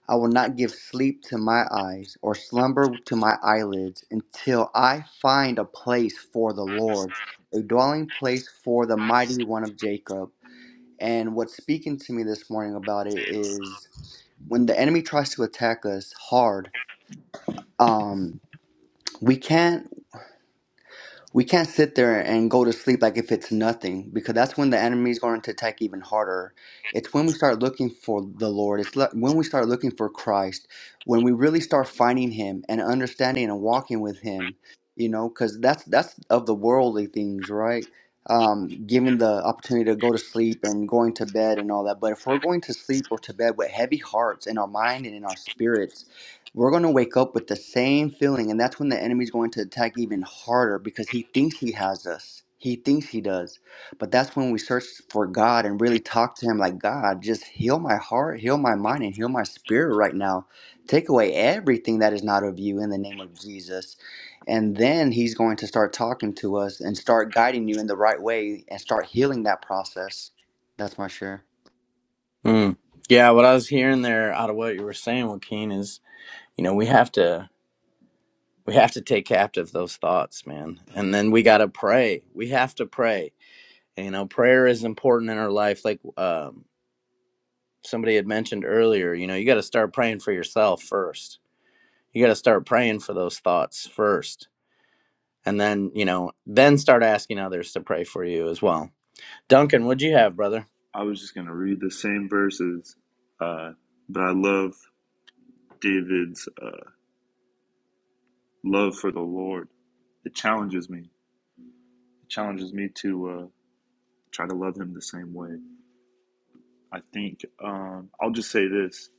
Speaker 6: I will not give sleep to my eyes, or slumber to my eyelids, until I find a place for the Lord, a dwelling place for the mighty one of Jacob. And what's speaking to me this morning about it is when the enemy tries to attack us hard, um, we can't. we can't sit there and go to sleep like if it's nothing because that's when the enemy is going to attack even harder it's when we start looking for the lord it's le- when we start looking for christ when we really start finding him and understanding and walking with him you know because that's that's of the worldly things right um, given the opportunity to go to sleep and going to bed and all that but if we're going to sleep or to bed with heavy hearts in our mind and in our spirits we're going to wake up with the same feeling and that's when the enemy's going to attack even harder because he thinks he has us he thinks he does but that's when we search for god and really talk to him like god just heal my heart heal my mind and heal my spirit right now take away everything that is not of you in the name of jesus and then he's going to start talking to us and start guiding you in the right way and start healing that process that's my share
Speaker 8: Hmm. yeah what i was hearing there out of what you were saying joaquin is you know we have to We have to take captive those thoughts, man. And then we got to pray. We have to pray. And, you know, prayer is important in our life. Like um, somebody had mentioned earlier, you know, you got to start praying for yourself first. You got to start praying for those thoughts first. And then, you know, then start asking others to pray for you as well. Duncan, what'd you have, brother?
Speaker 9: I was just gonna read the same verses, uh, but I love David's uh, love for the Lord. It challenges me. It challenges me to uh, try to love Him the same way. I think um, I'll just say this: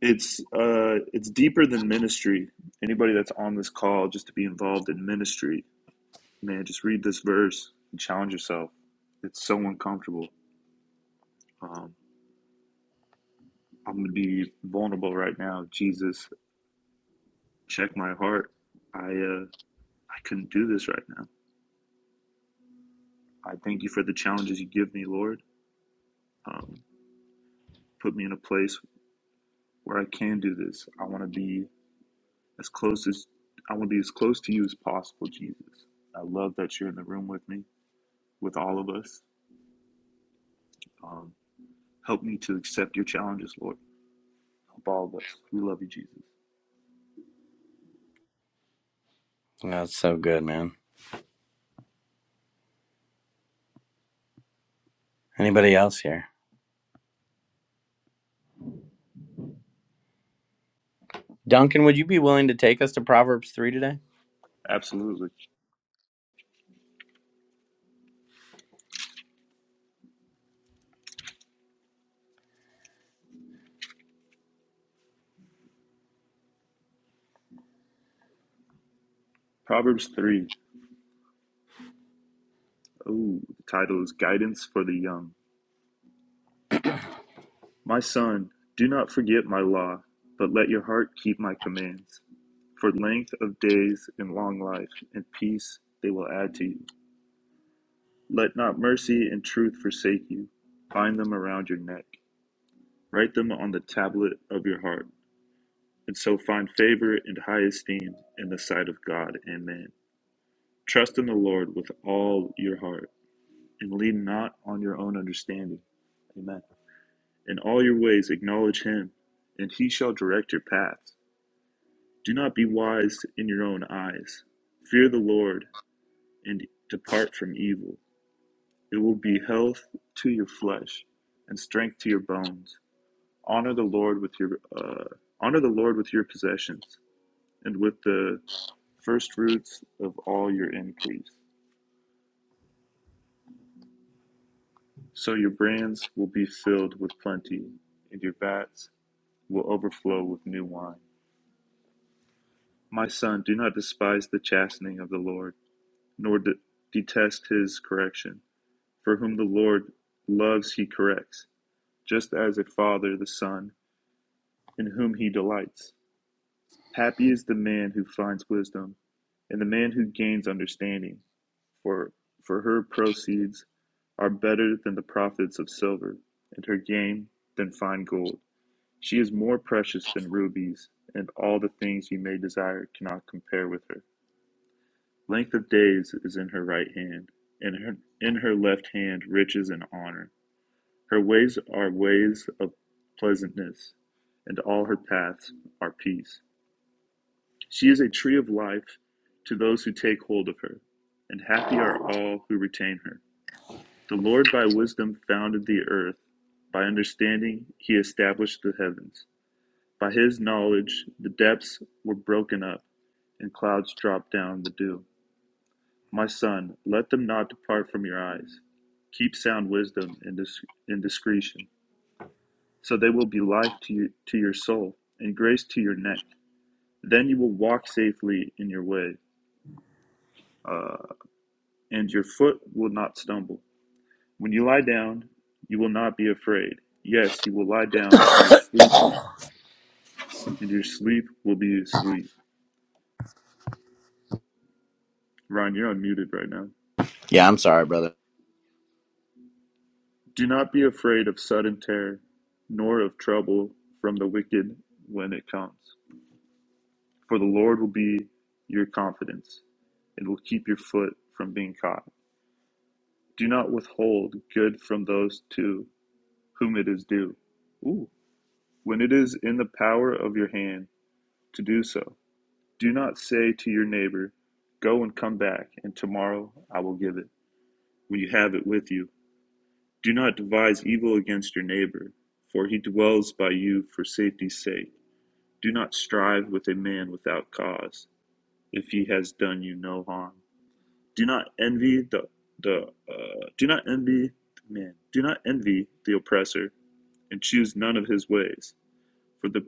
Speaker 9: it's uh, it's deeper than ministry. Anybody that's on this call, just to be involved in ministry, man, just read this verse and challenge yourself. It's so uncomfortable. Um, I'm gonna be vulnerable right now. Jesus, check my heart. I uh, I couldn't do this right now. I thank you for the challenges you give me, Lord. Um, put me in a place where I can do this. I want to be as close as I want to be as close to you as possible, Jesus. I love that you're in the room with me, with all of us. Um, help me to accept your challenges, Lord. Help all of us. We love you, Jesus.
Speaker 8: That's so good, man. Anybody else here? Duncan, would you be willing to take us to Proverbs 3 today?
Speaker 9: Absolutely. Proverbs 3. Oh, the title is Guidance for the Young. My son, do not forget my law, but let your heart keep my commands. For length of days and long life and peace they will add to you. Let not mercy and truth forsake you. Bind them around your neck. Write them on the tablet of your heart, and so find favor and high esteem in the sight of God and man. Trust in the Lord with all your heart, and lean not on your own understanding. Amen. In all your ways acknowledge him, and he shall direct your paths. Do not be wise in your own eyes. Fear the Lord and depart from evil. It will be health to your flesh and strength to your bones. Honor the Lord with your uh, honor the Lord with your possessions and with the first fruits of all your increase. So your brands will be filled with plenty and your vats will overflow with new wine. My son, do not despise the chastening of the Lord, nor de- detest his correction For whom the Lord loves he corrects, just as a father the son, in whom he delights. Happy is the man who finds wisdom, and the man who gains understanding, for, for her proceeds are better than the profits of silver, and her gain than fine gold. She is more precious than rubies, and all the things you may desire cannot compare with her. Length of days is in her right hand, and her, in her left hand riches and honor. Her ways are ways of pleasantness, and all her paths are peace. She is a tree of life to those who take hold of her, and happy are all who retain her. The Lord by wisdom founded the earth, by understanding he established the heavens. By his knowledge the depths were broken up, and clouds dropped down the dew. My son, let them not depart from your eyes. Keep sound wisdom and, dis- and discretion So they will be life to, you, to your soul and grace to your neck. Then you will walk safely in your way, uh, and your foot will not stumble. When you lie down, you will not be afraid. Yes, you will lie down in your
Speaker 8: *coughs*
Speaker 9: sleep, and your sleep will be sweet. Ryan, you're unmuted right now.
Speaker 8: Yeah, I'm sorry, brother.
Speaker 9: Do not be afraid of sudden terror, nor of trouble from the wicked when it comes. For the Lord will be your confidence, and will keep your foot from being caught. Do not withhold good from those to whom it is due. Ooh. When it is in the power of your hand to do so, do not say to your neighbor, Go and come back, and tomorrow I will give it. When you have it with you, do not devise evil against your neighbor, for he dwells by you for safety's sake. Do not strive with a man without cause, if he has done you no harm. Do not envy the the uh, do not envy man. Do not envy the oppressor and choose none of his ways. For the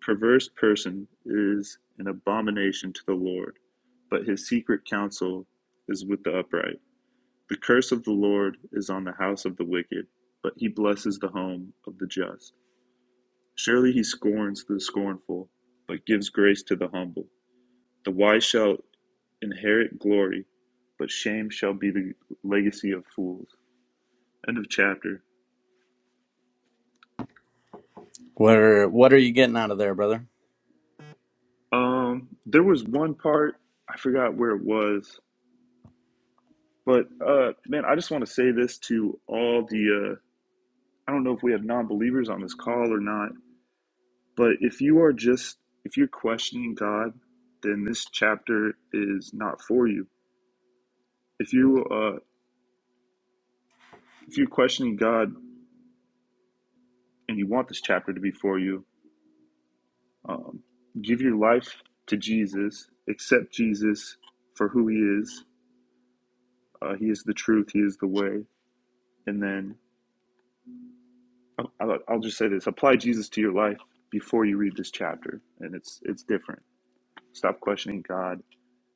Speaker 9: perverse person is an abomination to the Lord, but his secret counsel is with the upright. The curse of the Lord is on the house of the wicked, but he blesses the home of the just. Surely he scorns the scornful, but gives grace to the humble. The wise shall inherit glory, but shame shall be the legacy of fools. End of chapter.
Speaker 8: What are what are you getting out of there, brother?
Speaker 9: Um, there was one part I forgot where it was But uh, man, I just want to say this to all the uh, I don't know if we have non-believers on this call or not, but if you are just if you're questioning God, then this chapter is not for you. If you uh, if you're questioning God and you want this chapter to be for you, um, give your life to Jesus, accept Jesus for who He is. Uh, he is the truth. He is the way. And then I'll, I'll I'll just say this: apply Jesus to your life before you read this chapter, and it's it's different. Stop questioning God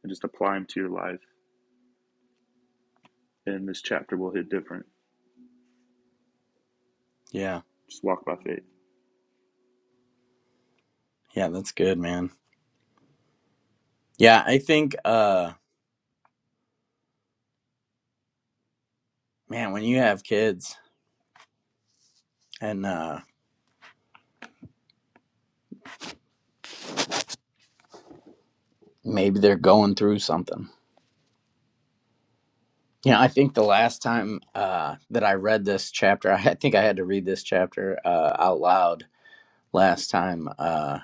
Speaker 9: and just apply Him to your life. And this chapter will hit different.
Speaker 8: Yeah.
Speaker 9: Just walk by faith.
Speaker 8: Yeah, that's good, man. Yeah, I think uh man, when you have kids and uh maybe they're going through something Yeah, I think the last time uh, that I read this chapter, I think I had to read this chapter uh, out loud last time, uh,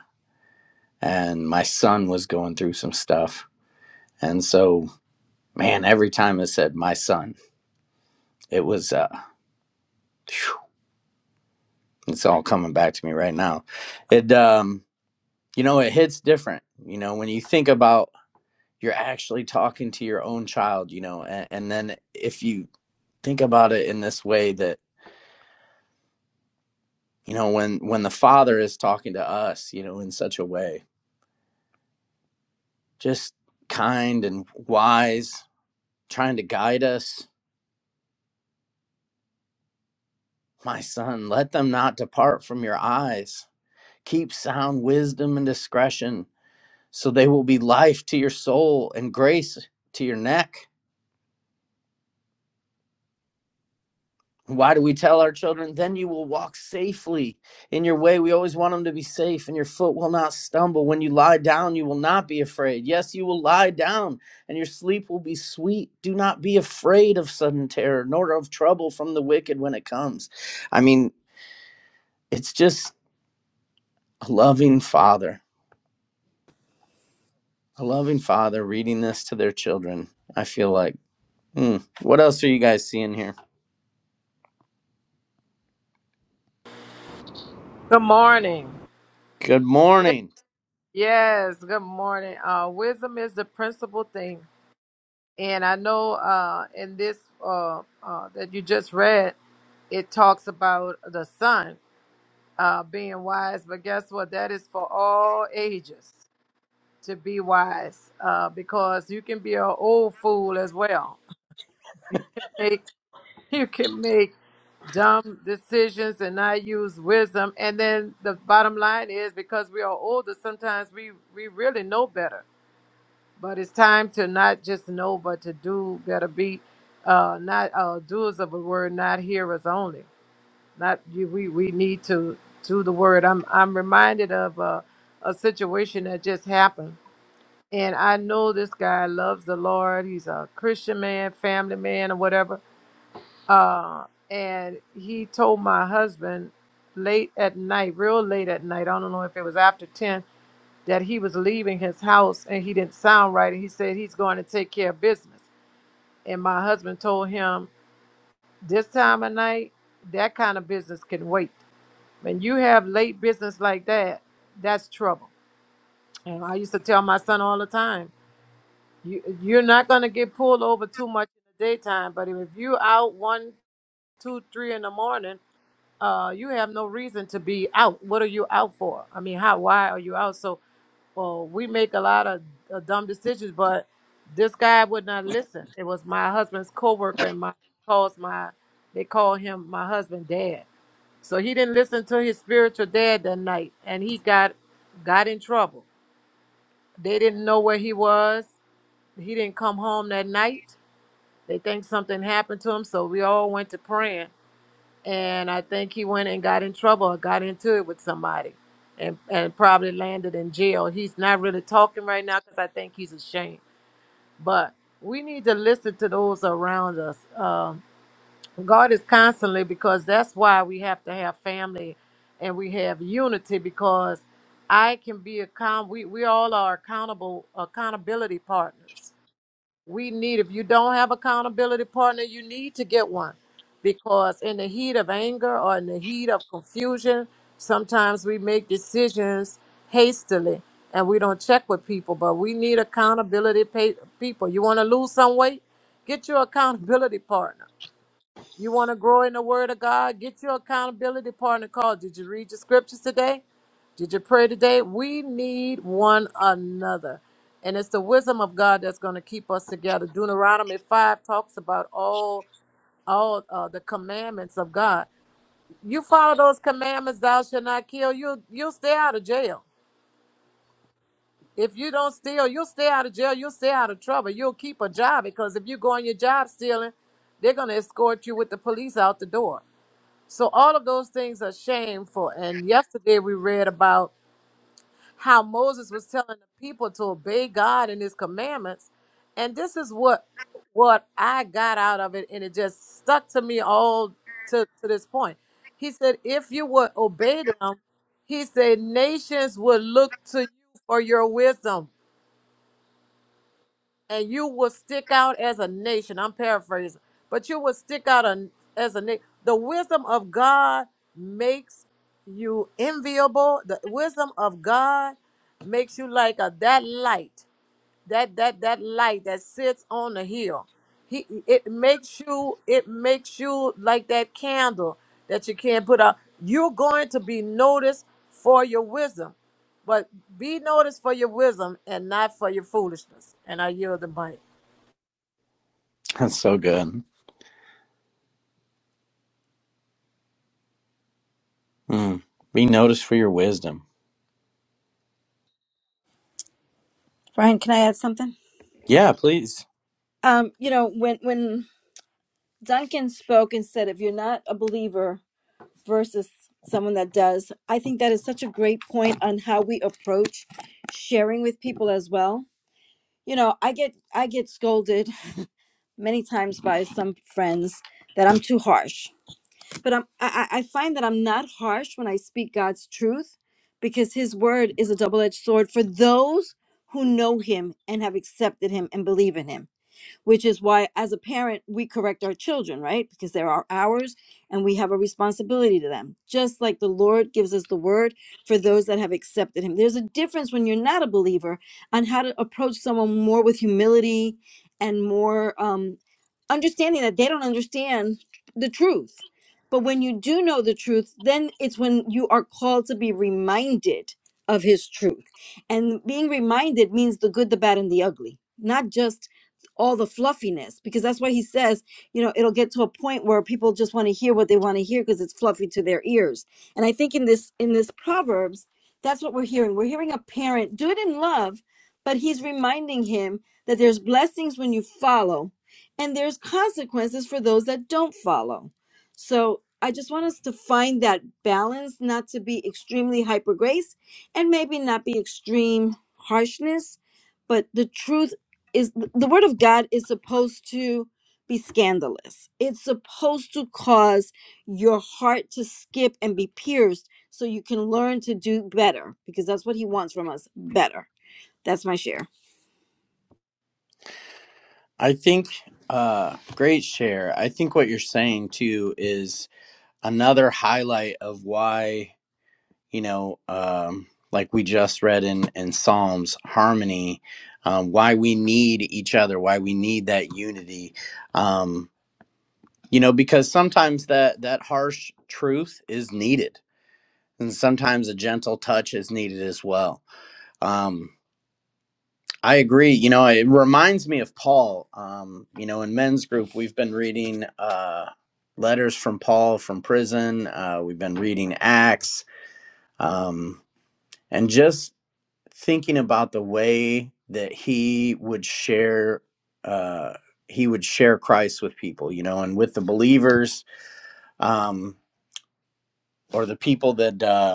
Speaker 8: and my son was going through some stuff, and so man, every time it said my son, it was uh, phew, it's all coming back to me right now. It um, you know, it hits different. You know, when you think about you're actually talking to your own child, you know, and, and then if you think about it in this way that you know when when the father is talking to us you know in such a way just kind and wise trying to guide us my son let them not depart from your eyes keep sound wisdom and discretion so they will be life to your soul and grace to your neck Why do we tell our children, then you will walk safely in your way? We always want them to be safe, and your foot will not stumble. When you lie down, you will not be afraid. Yes, you will lie down, and your sleep will be sweet. Do not be afraid of sudden terror, nor of trouble from the wicked when it comes. I mean, it's just a loving father, a loving father reading this to their children. I feel like, mm, what else are you guys seeing here?
Speaker 10: Good morning.
Speaker 8: Good
Speaker 10: Wis-
Speaker 8: morning.
Speaker 10: Yes, good morning. Uh, wisdom is the principal thing, and I know uh, in this uh, uh, that you just read, it talks about the son uh, being wise. But guess what? That is for all ages to be wise, uh, because you can be an old fool as well. You can make *laughs* you can make dumb decisions and not use wisdom. And then the bottom line is because we are older, sometimes we, we really know better. But it's time to not just know, but to do better. Be uh, not uh, doers of the word, not hearers only. Not you, we we need to do the word. I'm I'm reminded of uh, a situation that just happened, and I know this guy loves the Lord. He's a Christian man, family man, or whatever uh, and he told my husband late at night, real late at night, I don't know if it was after 10, that he was leaving his house and he didn't sound right. And he said he's going to take care of business. And my husband told him, this time of night, that kind of business can wait. When you have late business like that, that's trouble. And I used to tell my son all the time, you, you're not going to get pulled over too much in the daytime, but if you out one, two, three in the morning, uh, you have no reason to be out. What are you out for? I mean, how? Why are you out? So, well, we make a lot of uh, dumb decisions, but this guy would not listen. It was my husband's coworker, and my calls my they call him my husband dad. So he didn't listen to his spiritual dad that night, and he got got in trouble. They didn't know where he was. He didn't come home that night. They think something happened to him, so we all went to praying and I think he went and got in trouble or got into it with somebody, and and probably landed in jail. He's not really talking right now because I think he's ashamed. But we need to listen to those around us. Um, God is constantly because that's why we have to have family, and we have unity because I can be account. We we all are accountable accountability partners we need, if you don't have accountability partner, you need to get one because in the heat of anger or in the heat of confusion, sometimes we make decisions hastily and we don't check with people, but we need accountability pa- people. You want to lose some weight? Get your accountability partner. You want to grow in the Word of God? Get your accountability partner called. Did you read your scriptures today? Did you pray today? We need one another. And it's the wisdom of God that's going to keep us together. Deuteronomy 5 talks about all all uh, the commandments of God. You follow those commandments, thou shalt not kill, you you'll stay out of jail. If you don't steal, you'll stay out of jail, you'll stay out of trouble, you'll keep a job because if you go on your job stealing, they're going to escort you with the police out the door. So all of those things are shameful. And yesterday we read about how Moses was telling the people to obey God and his commandments. And this is what what I got out of it and it just stuck to me all to, to this point. He said, if you would obey them, he said nations would look to you for your wisdom and you will stick out as a nation. I'm paraphrasing, but you will stick out a- as a nation. The wisdom of God makes you enviable. The wisdom of God makes you like a, that light that that that light that sits on the hill he it makes you it makes you like that candle that you can't put out you're going to be noticed for your wisdom but be noticed for your wisdom and not for your foolishness and i yield the mic
Speaker 8: That's so good. Mm. Be noticed for your wisdom.
Speaker 5: Brian, can I add something?
Speaker 8: Yeah, please.
Speaker 5: Um, you know, when when Duncan spoke and said, if you're not a believer, versus someone that does. I think that is such a great point on how we approach sharing with people as well. You know, I get I get scolded many times by some friends that I'm too harsh. But I'm I, I find that I'm not harsh when I speak God's truth because his word is a double-edged sword for those who know him and have accepted him and believe in him which is why as a parent we correct our children right because they are ours and we have a responsibility to them just like the lord gives us the word for those that have accepted him there's a difference when you're not a believer on how to approach someone more with humility and more um, understanding that they don't understand the truth. But when you do know the truth, then it's when you are called to be reminded of his truth. And being reminded means the good, the bad, and the ugly, not just all the fluffiness, because that's why he says, you know, it'll get to a point where people just want to hear what they want to hear because it's fluffy to their ears. And I think in this in this Proverbs, that's what we're hearing. We're hearing a parent do it in love, but he's reminding him that there's blessings when you follow and there's consequences for those that don't follow. So I just want us to find that balance, not to be extremely hyper grace and maybe not be extreme harshness, but the truth is the word of God is supposed to be scandalous. It's supposed to cause your heart to skip and be pierced so you can learn to do better because that's what he wants from us, better. That's my share.
Speaker 8: I think uh great share. I think what you're saying too is another highlight of why, you know, um like we just read in in Psalms, harmony, um why we need each other, why we need that unity. Um you know, because sometimes that that harsh truth is needed and sometimes a gentle touch is needed as well. Um I agree. You know, it reminds me of Paul. Um, you know, in men's group, we've been reading uh, letters from Paul from prison. Uh, we've been reading Acts, um, and just thinking about the way that he would share, uh, he would share Christ with people. You know, and with the believers um, or the people that. Uh,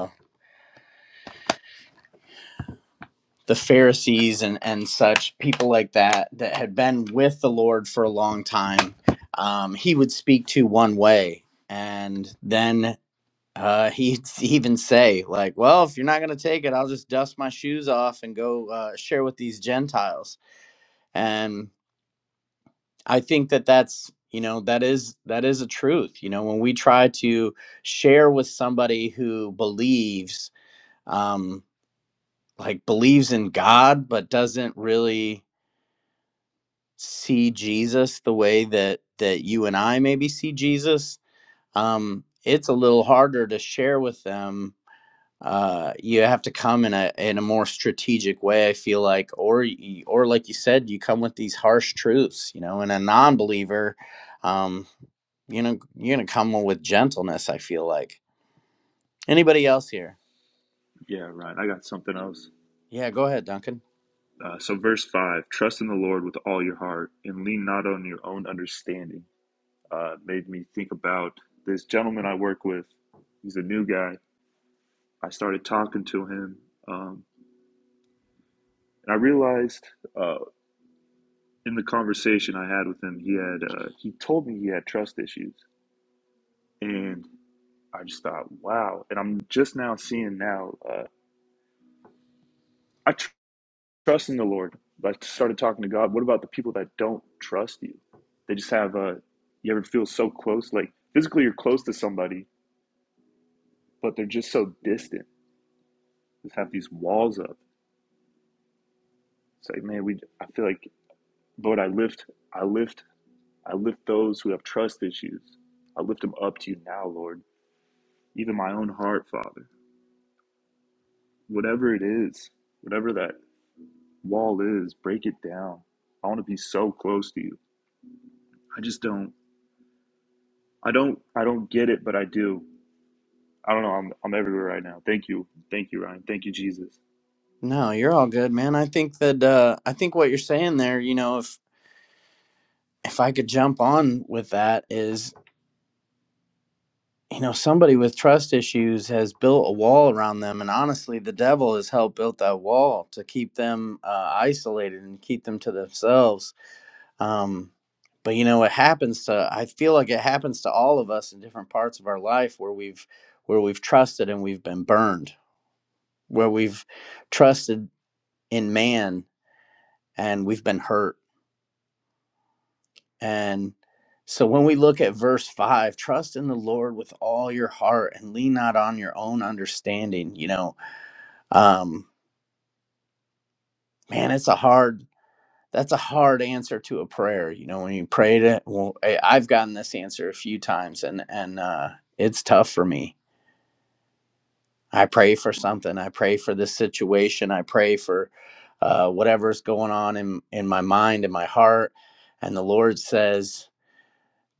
Speaker 8: the Pharisees and and such people like that that had been with the Lord for a long time, um, he would speak to one way, and then uh, *laughs* he'd even say like, "Well, if you're not going to take it, I'll just dust my shoes off and go uh, share with these Gentiles." And I think that that's you know that is that is a truth. You know, when we try to share with somebody who believes. Um, like believes in God but doesn't really see Jesus the way that that you and I maybe see Jesus, um, it's a little harder to share with them. Uh, you have to come in a in a more strategic way. I feel like, or y- or like you said, you come with these harsh truths. You know, and a non-believer, um, you know, you're gonna come with gentleness. I feel like. Anybody else here?
Speaker 9: Yeah, right. I got something else.
Speaker 8: Yeah, go ahead, Duncan.
Speaker 9: Uh, so, verse 5 Trust in the Lord with all your heart and lean not on your own understanding. Uh, made me think about this gentleman I work with. He's a new guy. I started talking to him. Um, and I realized uh, in the conversation I had with him, he had uh, he told me he had trust issues, and I just thought, wow. And I'm just now seeing now. Uh, I, tr- Trust in the Lord. I started talking to God. What about the people that don't trust you? They just have a. You ever feel so close? Like physically, you're close to somebody, but they're just so distant. Just have these walls up. It's like, man, we. I feel like, Lord, I lift, I lift, I lift those who have trust issues. I lift them up to you now, Lord. Even my own heart, Father. Whatever it is, whatever that wall is, break it down. I want to be so close to you. I just don't. I don't. I don't get it, but I do. I don't know. I'm I'm everywhere right now. Thank you, thank you, Ryan. Thank you, Jesus.
Speaker 8: No, you're all good, man. I think that uh, I think what you're saying there, you know, if if I could jump on with that is you know, somebody with trust issues has built a wall around them, and honestly, the devil has helped build that wall to keep them uh, isolated and keep them to themselves. Um, but you know, it happens to. I feel like it happens to all of us in different parts of our life where we've where we've trusted and we've been burned, where we've trusted in man and we've been hurt. And so when we look at verse 5, trust in the Lord with all your heart and lean not on your own understanding, you know, um man it's a hard that's a hard answer to a prayer you know when you pray to well I- i've gotten this answer a few times and and uh it's tough for me i pray for something i pray for this situation i pray for uh whatever's going on in in my mind and my heart and the lord says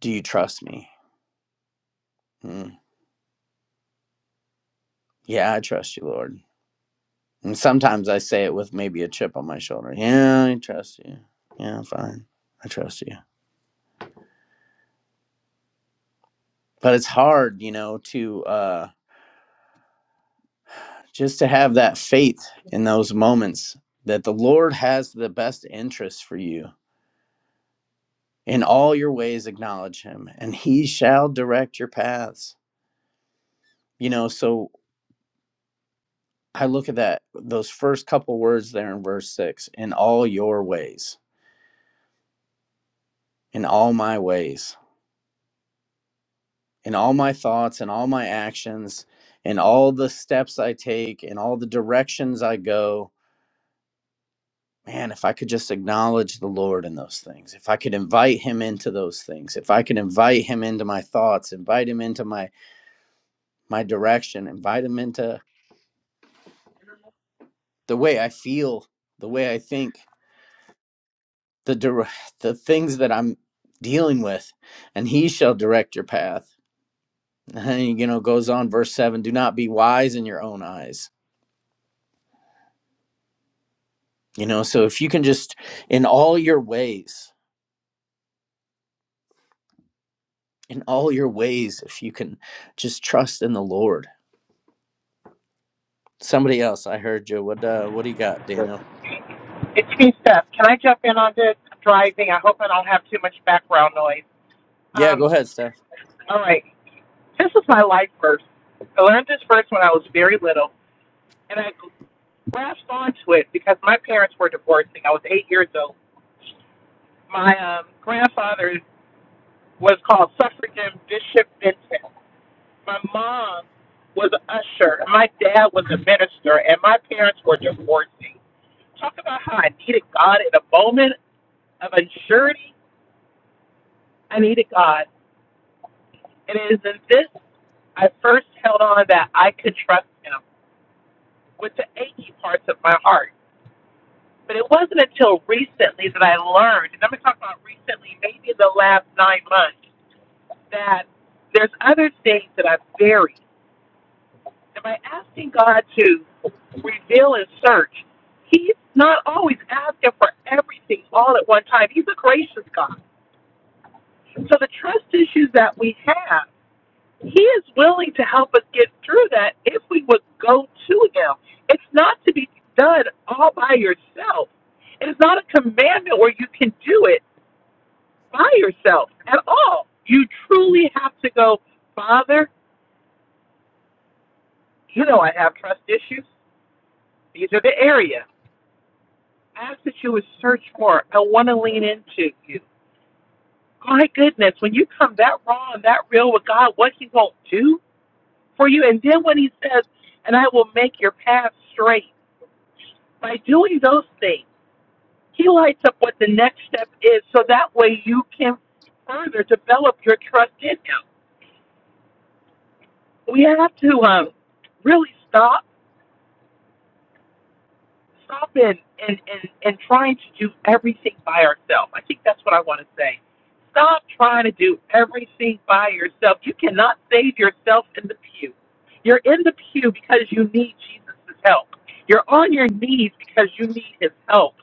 Speaker 8: do you trust me mm, yeah i trust you lord and sometimes i say it with maybe a chip on my shoulder yeah i trust you yeah fine i trust you but it's hard you know to uh just to have that faith in those moments that the lord has the best interest for you in all your ways acknowledge him and he shall direct your paths you know so i look at that those first couple words there in verse 6 in all your ways in all my ways in all my thoughts and all my actions in all the steps i take in all the directions i go man, if I could just acknowledge the Lord in those things, if I could invite him into those things, if I could invite him into my thoughts, invite him into my my direction, invite him into the way I feel, the way I think, the dir- *sighs* the things that I'm dealing with, and he shall direct your path. *laughs* And then, you know, goes on verse 7, do not be wise in your own eyes. You know, so if you can just in all your ways, in all your ways if you can just trust in the Lord Somebody else. I heard you. What uh what do you got, Daniel?
Speaker 11: It's me, Steph. Can I jump in on this? I'm driving. I hope I don't have too much background noise.
Speaker 8: Yeah, go
Speaker 11: Um,
Speaker 8: ahead, Steph.
Speaker 11: all right. This is my life verse. I learned this verse when I was very little, and I grasped onto it because my parents were divorcing. I was eight years old. My um, grandfather was called Suffragan Bishop Benton. My mom was an usher. and My dad was a minister, and my parents were divorcing. Talk about how I needed God in a moment of unsurety I needed God. And it is in this I first held on that I could trust him with the achy parts of my heart. But it wasn't until recently that I learned, and I'm going to talk about recently, maybe in the last nine months, that there's other things that I've buried. And by asking God to reveal and search, He's not always asking for everything all at one time. He's a gracious God. So the trust issues that we have He is willing to help us get through that if we would go to Him. It's not to be done all by yourself. It is not a commandment where you can do it by yourself at all. You truly have to go, Father, you know I have trust issues. These are the area. I ask that you would search for. I want to lean into you. My goodness, when you come that raw and that real with God, what He won't do for you. And then when He says, and I will make your path straight By doing those things, he lights up what the next step is so that way you can further develop your trust in him. We have to um, really stop stop and, and, and, and trying to do everything by ourselves. I think that's what I want to say. Stop trying to do everything by yourself. You cannot save yourself in the pew. You're in the pew because you need Jesus' help. You're on your knees because you need his help.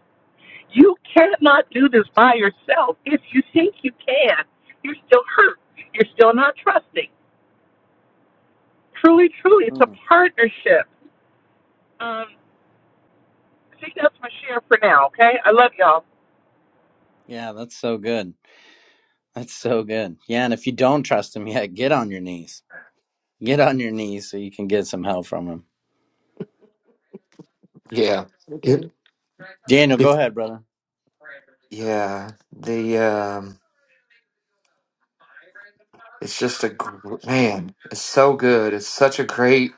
Speaker 11: You cannot do this by yourself. If you think you can, you're still hurt. You're still not trusting. Truly, truly, it's a
Speaker 8: Mm.
Speaker 11: partnership. Um, I think that's my share for now, okay? I love y'all.
Speaker 8: Yeah, that's so good. That's so good. Yeah, and if you don't trust him yet, get on your knees. Get on your knees so you can get some help from him.
Speaker 12: Yeah,
Speaker 13: If,
Speaker 8: Daniel, go ahead, brother.
Speaker 12: yeah. The um, it's just a gr- man. It's so good. It's such a great,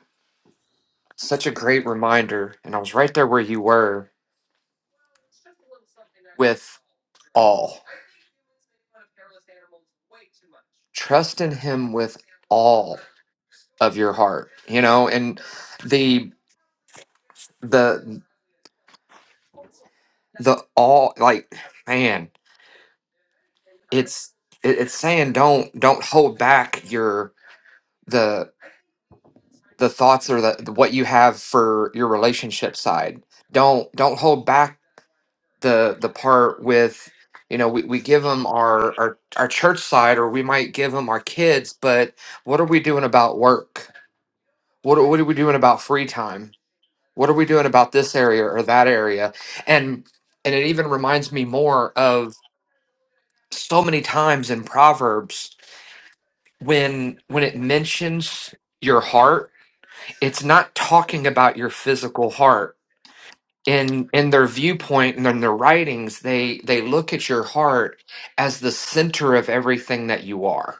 Speaker 12: such a great reminder. And I was right there where you were with all trust in Him with all of your heart. You know, and the the the all like man. It's it, it's saying don't don't hold back your the the thoughts or the what you have for your relationship side don't don't hold back the the part with you know we, we give them our, our our church side or we might give them our kids but what are we doing about work what are, what are we doing about free time what are we doing about this area or that area and and it even reminds me more of so many times in proverbs when when it mentions your heart it's not talking about your physical heart in in their viewpoint and in their writings they they look at your heart as the center of everything that you are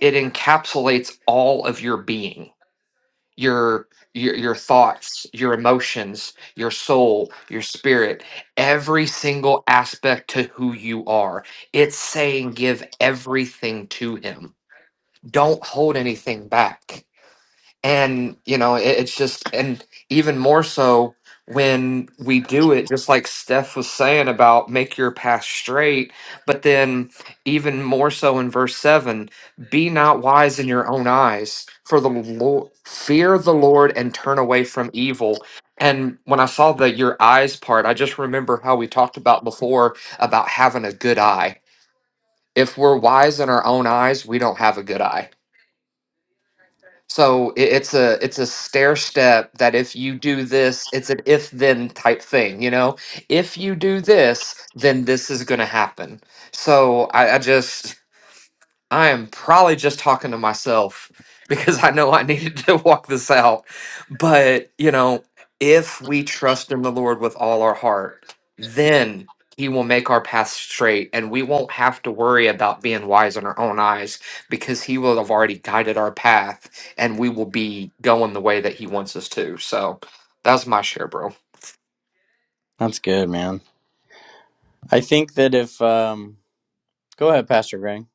Speaker 12: it encapsulates all of your being your your, your thoughts your emotions your soul your spirit every single aspect to who you are it's saying give everything to him don't hold anything back and you know it, it's just and even more so when we do it just like steph was saying about make your path straight but then even more so in verse 7 be not wise in your own eyes for the lord fear the lord and turn away from evil and when i saw the your eyes part i just remember how we talked about before about having a good eye if we're wise in our own eyes we don't have a good eye so it, it's a it's a stair step that if you do this, it's an if then type thing, you know. If you do this, then this is going to happen. So I, I just *laughs* I am probably just talking to myself *laughs* because I know I needed to *laughs* walk this out. But, you know, if we trust in the Lord with all our heart, then he will make our path straight and we won't have to worry about being wise in our own eyes because he will have already guided our path and we will be going the way that he wants us to. So, that's my share, bro.
Speaker 8: That's good, man. I think that if um go ahead, Pastor Greg.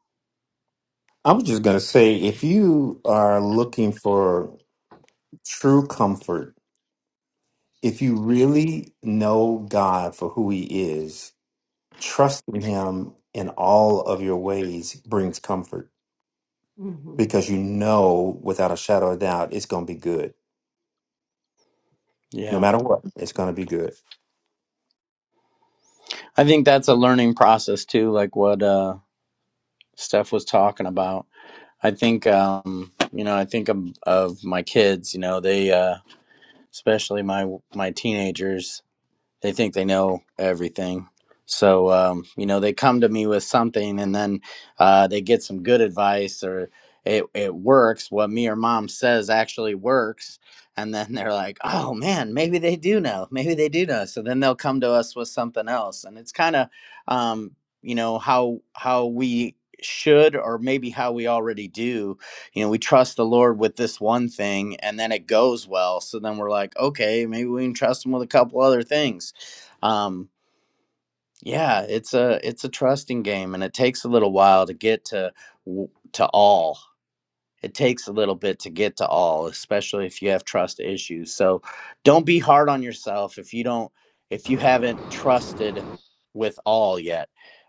Speaker 13: I was just going to say if you are looking for true comfort, if you really know God for who he is, trusting him in all of your ways brings comfort hmm because you know without a shadow of doubt it's going to be good. No
Speaker 8: Yeah.
Speaker 13: matter what, it's going to be good.
Speaker 8: I think that's a learning process too, like what uh Steph was talking about. I think um you know, I think of, of my kids, you know, they uh especially my my teenagers they think they know everything. So um, you know, they come to me with something, and then uh, they get some good advice, or it it works. What me or mom says actually works, and then *laughs* they're like, "Oh man, maybe they do know. Maybe they do know." So then they'll come to us with something else, and it's kind of um, you know how how we should or maybe how we already do you know we trust the lord with this one thing and then it goes well so then we're like okay maybe we can trust him with a couple other things um yeah it's a it's a trusting game and it takes a little while to get to w- to all it takes a little bit to get to all especially if you have trust issues so don't be hard on yourself if you don't if you haven't trusted with all yet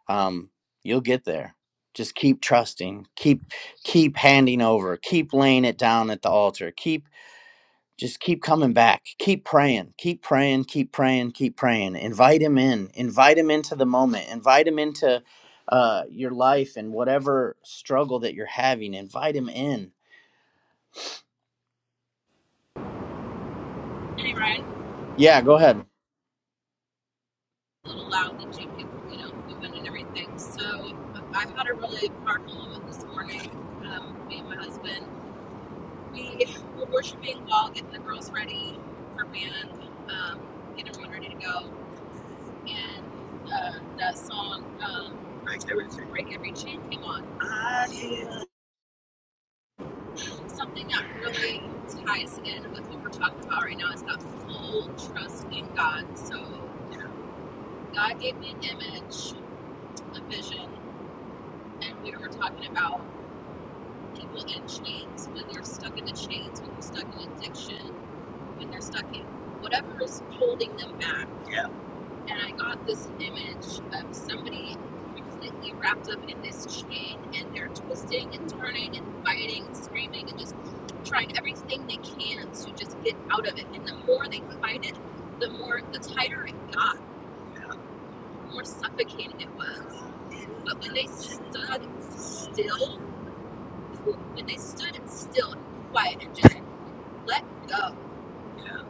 Speaker 8: um you'll get there just keep trusting keep keep handing over keep laying it down at the altar keep just keep coming back. Keep praying. Keep praying. Keep praying. Keep praying. Invite him in. Invite him into the moment. Invite him into uh, your life and whatever struggle that you're having. Invite him in.
Speaker 2: Anyway,
Speaker 8: Yeah, go ahead.
Speaker 2: a little loud that you could, you know, move in and everything. So I had a really powerful moment this morning. Um, me and my husband, we were worshiping while getting the girls ready for band, um, getting everyone ready to go. And uh, that song, um, Break Every Chain, Break Every Chain came on. I hear Something that really ties in with what we're talking about right now is that full trust in God. So God gave me an image, a vision and we were talking about people in chains when they're stuck in the chains, when they're stuck in addiction, when they're stuck in whatever is holding them back. Yeah. And I got this image of somebody completely wrapped up in this chain and they're twisting and turning and biting and screaming and just trying everything they can to just get out of it. And the more they fight it, the more the tighter it got, yeah. the more suffocating it was. But when they stood still when they stood still and quiet and just let go, yeah.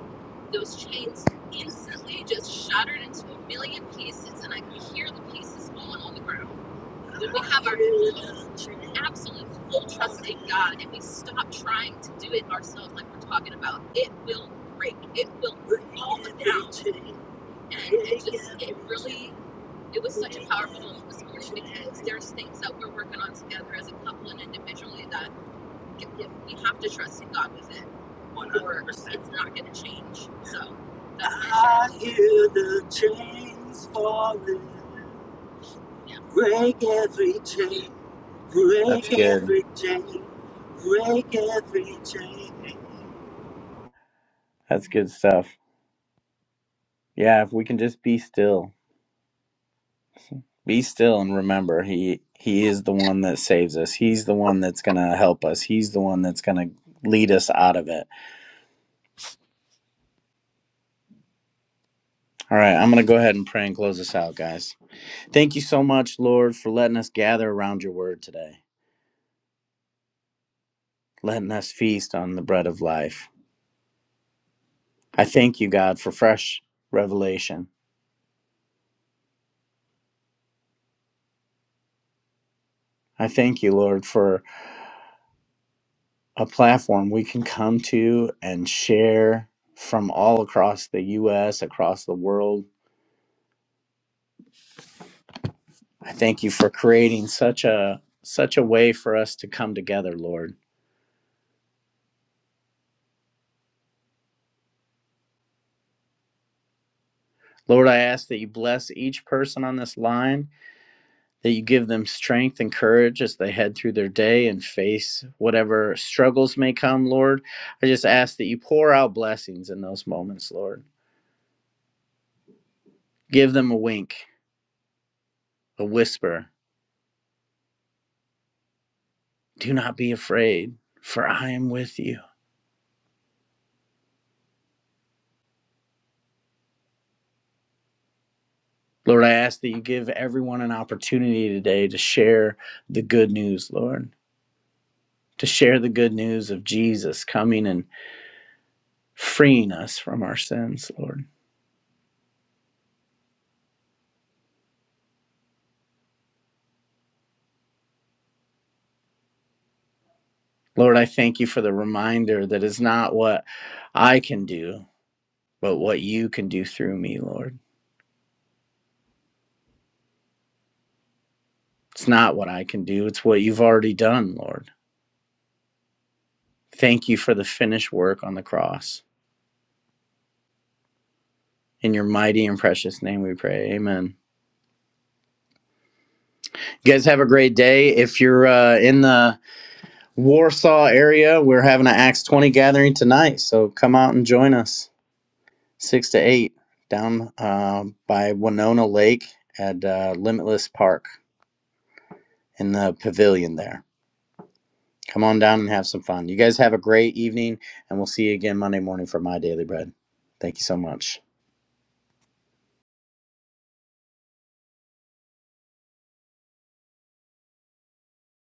Speaker 2: those chains instantly just shattered into a million pieces, and I could hear the pieces falling on the ground. When we have our full, absolute full trust in God, and we stop trying to do it ourselves, like we're talking about, it will break. It will fall down. And it just, it really, it was such a powerful moment this morning because there's things that we're working on together as a couple and individually that if, if we have to trust in God with it, or it's not going to change. So that's my I hear the chains falling. Yeah. Break every chain.
Speaker 8: That's
Speaker 2: Break
Speaker 8: good.
Speaker 2: every chain. Break every chain.
Speaker 8: That's good stuff. Yeah, if we can just be still, be still and remember he he is the one that saves us. He's the one that's going to help us. He's the one that's going to lead us out of it. All right, I'm going to go ahead and pray and close this out, guys. Thank you so much, Lord, for letting us gather around your word today, letting us feast on the bread of life. I thank you, God, for fresh revelation. I thank you, Lord, for a platform we can come to and share from all across the US, across the world. I thank you for creating such a such a way for us to come together, Lord. Lord, I ask that you bless each person on this line that you give them strength and courage as they head through their day and face whatever struggles may come, Lord. I just ask that you pour out blessings in those moments, Lord. Give them a wink, a whisper. Do not be afraid, for I am with you. Lord, I ask that you give everyone an opportunity today to share the good news, Lord, to share the good news of Jesus coming and freeing us from our sins, Lord. Lord, I thank you for the reminder that is not what I can do, but what you can do through me, Lord. It's not what I can do, it's what you've already done, Lord. Thank you for the finished work on the cross. In your mighty and precious name we pray. Amen. You guys have a great day. If you're uh, in the Warsaw area, we're having an Acts 20 gathering tonight. So come out and join us, 6 to 8, down uh, by Winona Lake at uh, Limitless Park in the pavilion there. Come on down and have some fun. You guys have a great evening, and we'll see you again Monday morning for My Daily Bread. Thank you so much.